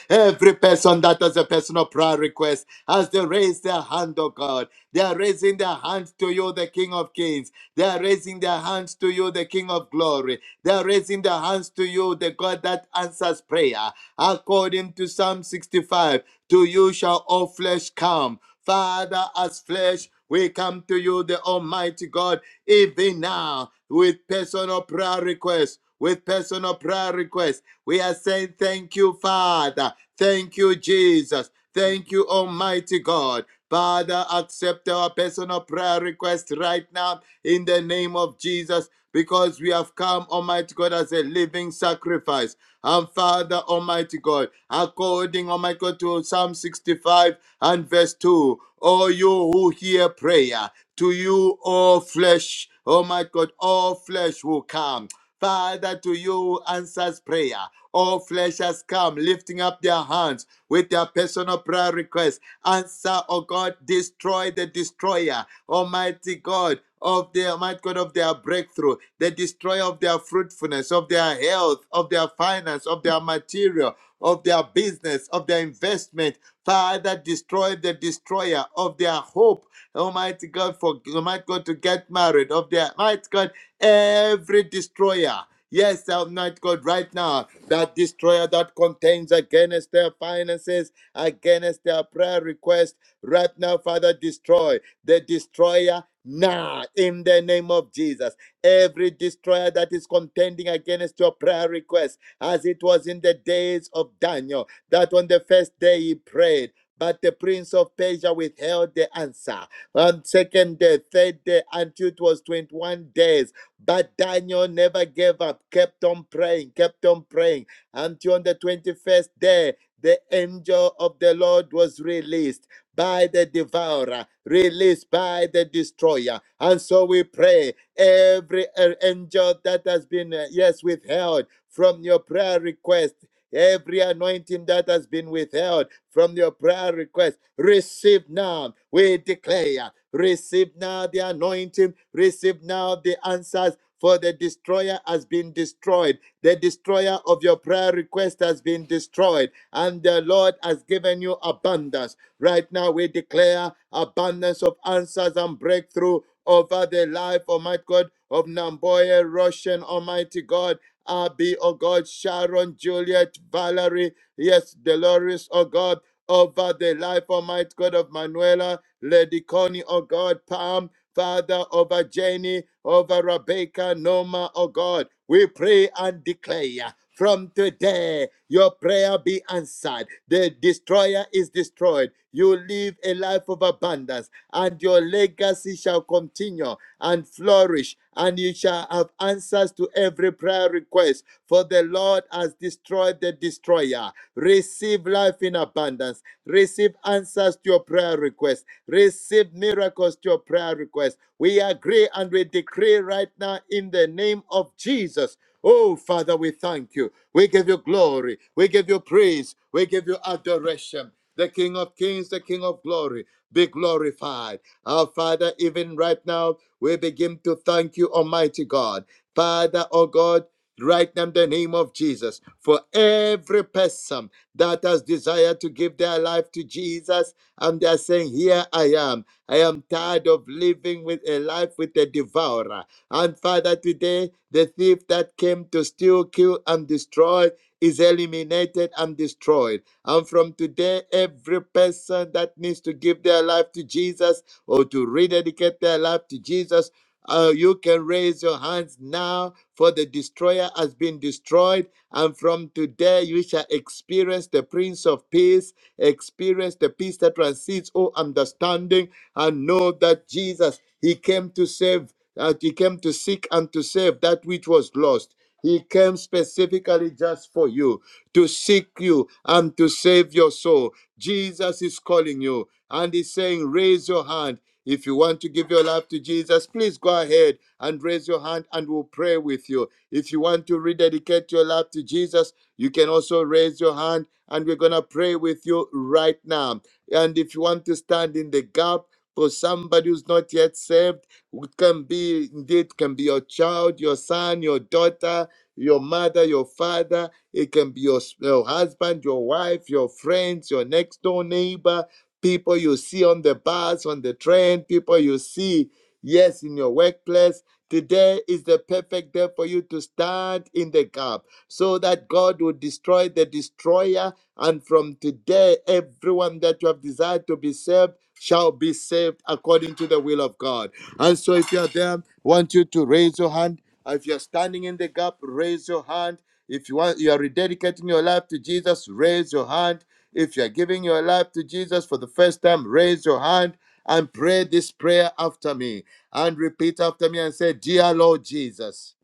E: Every person that has a personal prayer request, as they raise their hand, oh God, they are raising their hands to you, the King of Kings. They are raising their hands to you, the King of Glory. They are raising their hands to you, the God that answers prayer. According to Psalm 65, to you shall all flesh come. Father, as flesh, we come to you, the Almighty God, even now with personal prayer requests. With personal prayer requests, we are saying thank you, Father. Thank you, Jesus. Thank you, Almighty God. Father, accept our personal prayer request right now in the name of Jesus because we have come, Almighty God, as a living sacrifice. And Father, Almighty God, according, Almighty God, to Psalm 65 and verse 2, O you who hear prayer, to you all flesh, Almighty God, all flesh will come. Father, to you who answers prayer. All flesh has come, lifting up their hands with their personal prayer requests. Answer, O God, destroy the destroyer, Almighty God. Of the Almighty God of their breakthrough, the destroyer of their fruitfulness, of their health, of their finance, of their material, of their business, of their investment. Father, destroy the destroyer of their hope. Almighty God, for Almighty God to get married, of their Almighty God, every destroyer. Yes, Almighty God, right now that destroyer that contends against their finances, against their prayer request. Right now, Father, destroy the destroyer now in the name of Jesus. Every destroyer that is contending against your prayer request, as it was in the days of Daniel, that on the first day he prayed. But the prince of Persia withheld the answer. On second day, third day, until it was 21 days but Daniel never gave up, kept on praying, kept on praying until on the 21st day, the angel of the Lord was released by the devourer, released by the destroyer. And so we pray every uh, angel that has been, uh, yes, withheld from your prayer request Every anointing that has been withheld from your prayer request, receive now. We declare, receive now the anointing, receive now the answers. For the destroyer has been destroyed. The destroyer of your prayer request has been destroyed. And the Lord has given you abundance. Right now, we declare abundance of answers and breakthrough over the life, Almighty God, of Namboye Russian, Almighty God. Abby, oh God, Sharon, Juliet, Valerie, yes, Dolores, oh God, over the life, Almighty God of Manuela, Lady Connie, oh God, Palm, Father, over Jenny, over Rebecca, Noma, oh God, we pray and declare. From today, your prayer be answered. The destroyer is destroyed. You live a life of abundance, and your legacy shall continue and flourish, and you shall have answers to every prayer request. For the Lord has destroyed the destroyer. Receive life in abundance. Receive answers to your prayer request. Receive miracles to your prayer request. We agree and we decree right now in the name of Jesus. Oh, Father, we thank you. We give you glory. We give you praise. We give you adoration. The King of Kings, the King of Glory, be glorified. Our Father, even right now, we begin to thank you, Almighty God. Father, oh God, right now in the name of Jesus, for every person that has desired to give their life to Jesus, and they're saying, Here I am. I am tired of living with a life with a devourer. And Father, today, the thief that came to steal, kill, and destroy is eliminated and destroyed. And from today, every person that needs to give their life to Jesus or to rededicate their life to Jesus, uh, you can raise your hands now, for the destroyer has been destroyed. And from today, you shall experience the Prince of Peace, experience the peace that transcends all understanding, and know that Jesus, He came to save, uh, He came to seek and to save that which was lost. He came specifically just for you, to seek you and to save your soul. Jesus is calling you and He's saying, Raise your hand if you want to give your life to Jesus, please go ahead and raise your hand and we'll pray with you. If you want to rededicate your life to Jesus, you can also raise your hand and we're going to pray with you right now. And if you want to stand in the gap, for somebody who's not yet saved, it can be indeed can be your child, your son, your daughter, your mother, your father. It can be your, your husband, your wife, your friends, your next door neighbor people you see on the bus, on the train, people you see, yes, in your workplace. Today is the perfect day for you to stand in the gap so that God will destroy the destroyer. And from today, everyone that you have desired to be saved shall be saved according to the will of God. And so, if you are there, I want you to raise your hand. If you are standing in the gap, raise your hand. If you want, you are rededicating your life to Jesus, raise your hand. If you're giving your life to Jesus for the first time, raise your hand and pray this prayer after me and repeat after me and say, Dear Lord Jesus,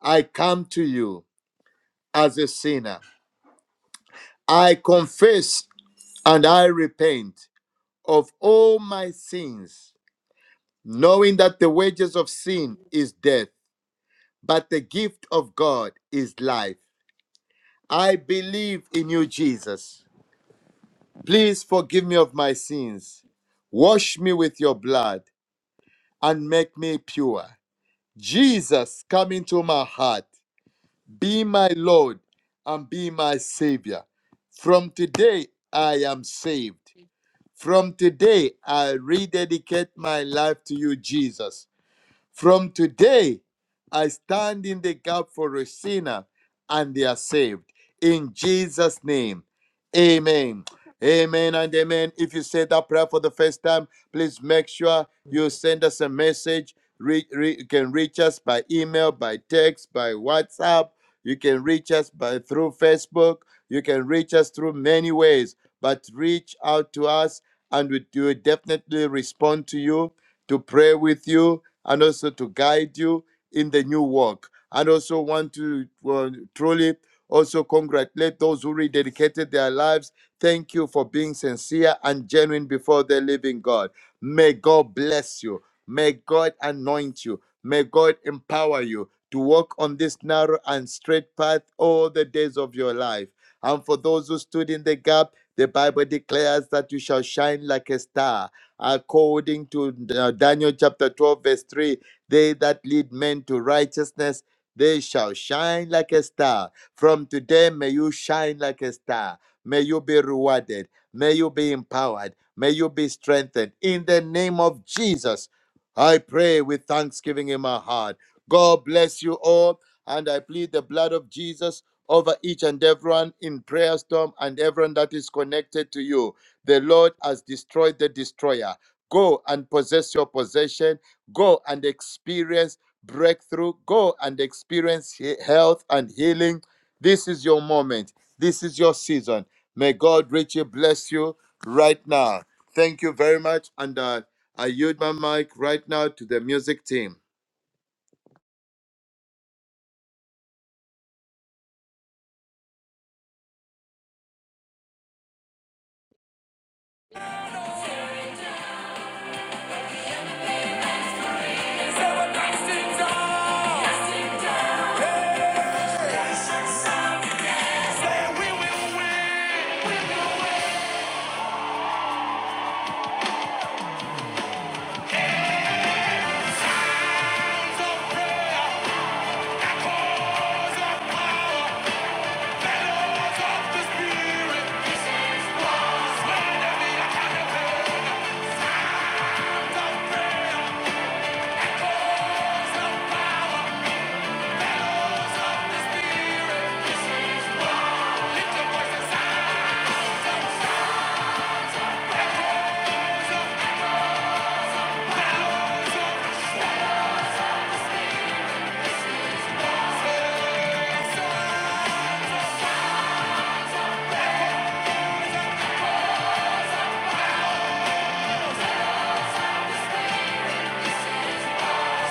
E: I come to you as a sinner. I confess and I repent of all my sins, knowing that the wages of sin is death, but the gift of God is life. I believe in you, Jesus. Please forgive me of my sins. Wash me with your blood and make me pure. Jesus, come into my heart. Be my Lord and be my Savior. From today, I am saved. From today, I rededicate my life to you, Jesus. From today, I stand in the gap for a sinner and they are saved. In Jesus' name, amen. Amen and amen. If you said that prayer for the first time, please make sure you send us a message. Re- re- you can reach us by email, by text, by WhatsApp. You can reach us by through Facebook. You can reach us through many ways, but reach out to us and we will definitely respond to you to pray with you and also to guide you in the new work. And also want to uh, truly also congratulate those who rededicated their lives. Thank you for being sincere and genuine before the living God. May God bless you. May God anoint you. May God empower you to walk on this narrow and straight path all the days of your life. And for those who stood in the gap, the Bible declares that you shall shine like a star according to uh, Daniel chapter 12, verse 3 They that lead men to righteousness, they shall shine like a star. From today, may you shine like a star. May you be rewarded. May you be empowered. May you be strengthened. In the name of Jesus, I pray with thanksgiving in my heart. God bless you all. And I plead the blood of Jesus over each and everyone in prayer storm and everyone that is connected to you. The Lord has destroyed the destroyer. Go and possess your possession. Go and experience breakthrough. Go and experience he- health and healing. This is your moment. This is your season. May God richly bless you right now. Thank you very much. And uh, I yield my mic right now to the music team.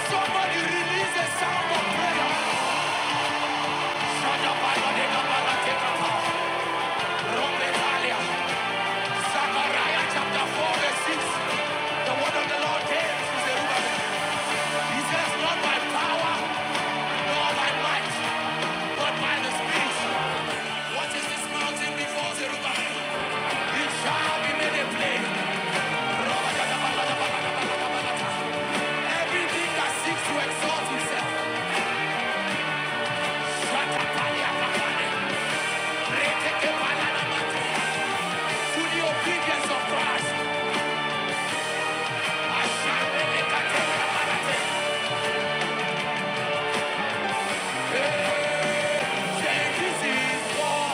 A: Somebody release a sound of prayer. Rombetalia, Zechariah chapter 4 verse 6. The word of the Lord came to Zerubbabel. He says, not by power, nor by might, but by the Spirit. What is this mountain before Zerubbabel? It shall be made a plain. Everything that seeks to exalt himself, This is war.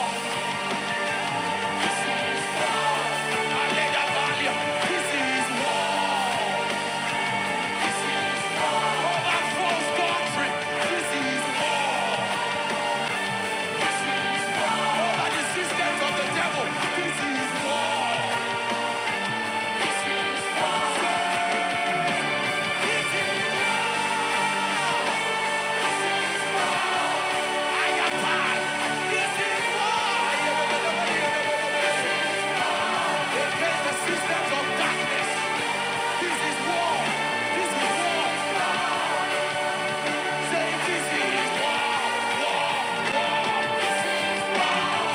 A: This is war. This is war. This is war. Say this is war.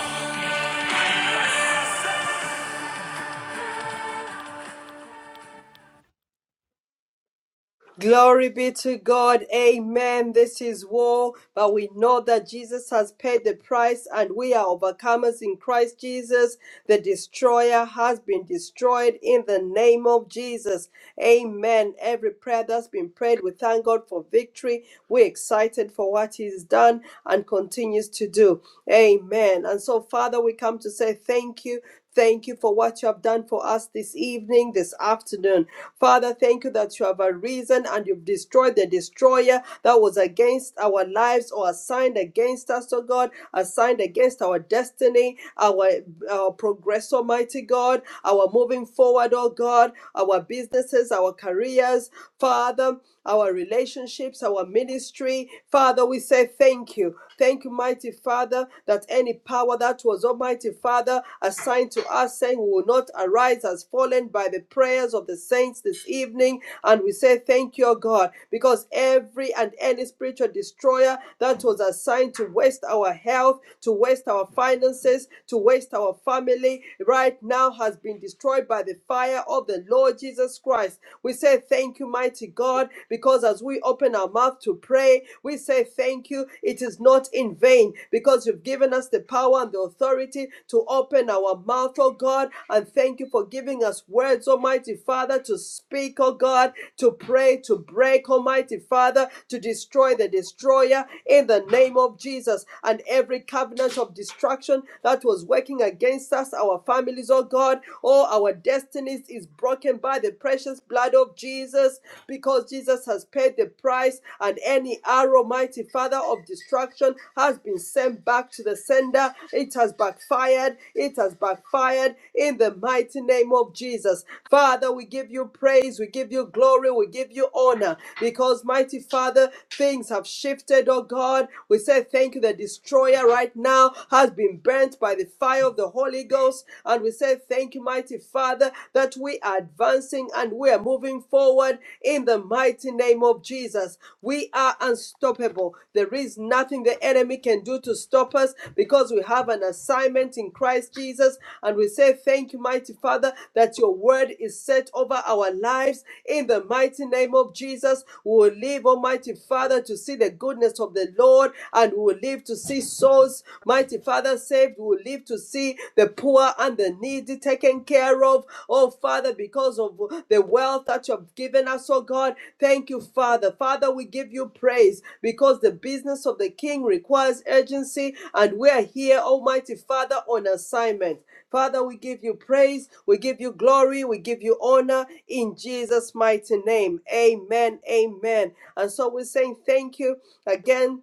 B: Glory be to God. Amen. This is war, but we know that Jesus has paid the price and we are overcomers in Christ Jesus. The destroyer has been destroyed in the name of Jesus. Amen. Every prayer that's been prayed, we thank God for victory. We're excited for what He's done and continues to do. Amen. And so, Father, we come to say thank you. Thank you for what you have done for us this evening, this afternoon. Father, thank you that you have arisen and you've destroyed the destroyer that was against our lives or assigned against us, oh God, assigned against our destiny, our, our progress, Almighty God, our moving forward, oh God, our businesses, our careers, Father, our relationships, our ministry. Father, we say thank you. Thank you, mighty Father. Father, that any power that was Almighty Father assigned to us, saying we will not arise has fallen by the prayers of the saints this evening. And we say thank you, O God, because every and any spiritual destroyer that was assigned to waste our health, to waste our finances, to waste our family, right now has been destroyed by the fire of the Lord Jesus Christ. We say thank you, mighty God, because as we open our mouth to pray, pray. We say thank you. It is not in vain because you've given us the power and the authority to open our mouth, oh God. And thank you for giving us words, Almighty Father, to speak, oh God, to pray, to break, Almighty Father, to destroy the destroyer in the name of Jesus. And every covenant of destruction that was working against us, our families, oh God, all our destinies is broken by the precious blood of Jesus. Jesus because Jesus has paid the price, and any arrow, mighty Father, of destruction has been sent back to the sender. It has backfired. It has backfired in the mighty name of Jesus. Father, we give you praise. We give you glory. We give you honor because, mighty Father, things have shifted, oh God. We say thank you. The destroyer right now has been burnt by the fire of the Holy Ghost. And we say thank you, mighty mighty Father, that we are advancing and we are moving forward in the mighty name of Jesus. We are unstoppable. There is nothing the enemy can do to stop us because we have an assignment in Christ Jesus. And we say, Thank you, mighty Father, that your word is set over our lives in the mighty name of Jesus. We will live, Almighty Father, to see the goodness of the Lord and we will live to see souls, mighty Father, saved, we will live to see the poor and the needy taken care of. Oh, Father, because of the wealth that you have given us, oh God, thank you, Father. Father, we give you praise because the business of the King requires urgency, and we are here, Almighty Father, on assignment. Father, we give you praise, we give you glory, we give you honor in Jesus' mighty name. Amen. Amen. And so we're saying thank you again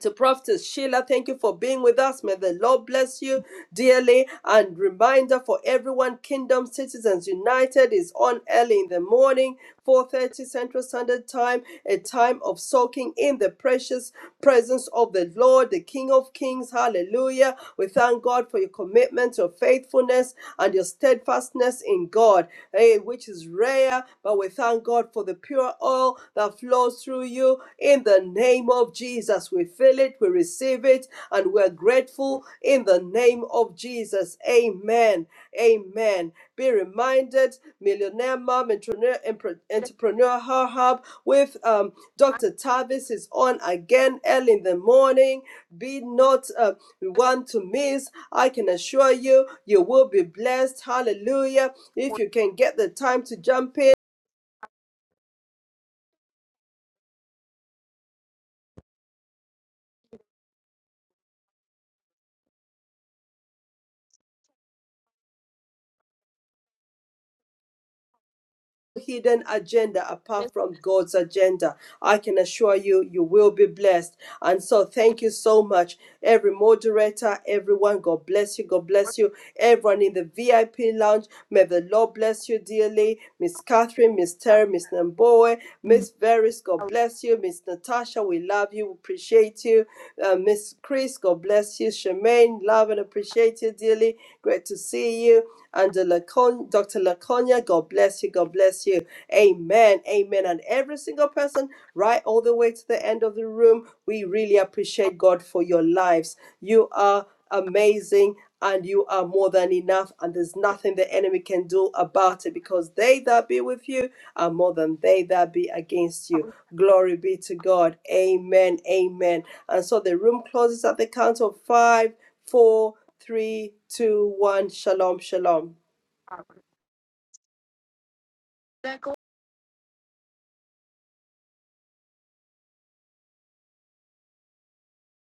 B: to Prophet Sheila, thank you for being with us. May the Lord bless you dearly. And reminder for everyone, Kingdom Citizens United is on early in the morning, 4:30 Central Standard Time, a time of soaking in the precious presence of the Lord, the King of Kings. Hallelujah. We thank God for your commitment, your faithfulness, and your steadfastness in God, eh, which is rare, but we thank God for the pure oil that flows through you in the name of Jesus. We feel it, we receive it, and we're grateful in the name of Jesus. Amen. Amen. Be reminded, Millionaire Mom, Entrepreneur, Empre- entrepreneur Her Hub with um, Dr. Tavis is on again early in the morning. Be not, uh, you want to miss, I can assure you, you will be blessed. Hallelujah. If you can get the time to jump in, no hidden agenda apart from God's agenda. I can assure you, you will be blessed. And so, thank you so much, every moderator, everyone. God bless you. God bless you. Everyone in the VIP lounge, may the Lord bless you dearly. Miss Catherine, Miss Terry, Miss Namboe. Miss Veris, God bless you. Miss Natasha, we love you, we appreciate you. Uh, Miss Chris, God bless you. Shemaine, love and appreciate you dearly. Great to see you. And uh, Lacon- Dr. Laconia, God bless you, God bless you. Amen, amen. And every single person, right all the way to the end of the room, we really appreciate God for your lives. You are amazing and you are more than enough, and there's nothing the enemy can do about it because they that be with you are more than they that be against you. Glory be to God. Amen. Amen. And so the room closes at the count of five, four, three, two, one. Shalom. Shalom.
F: enemy.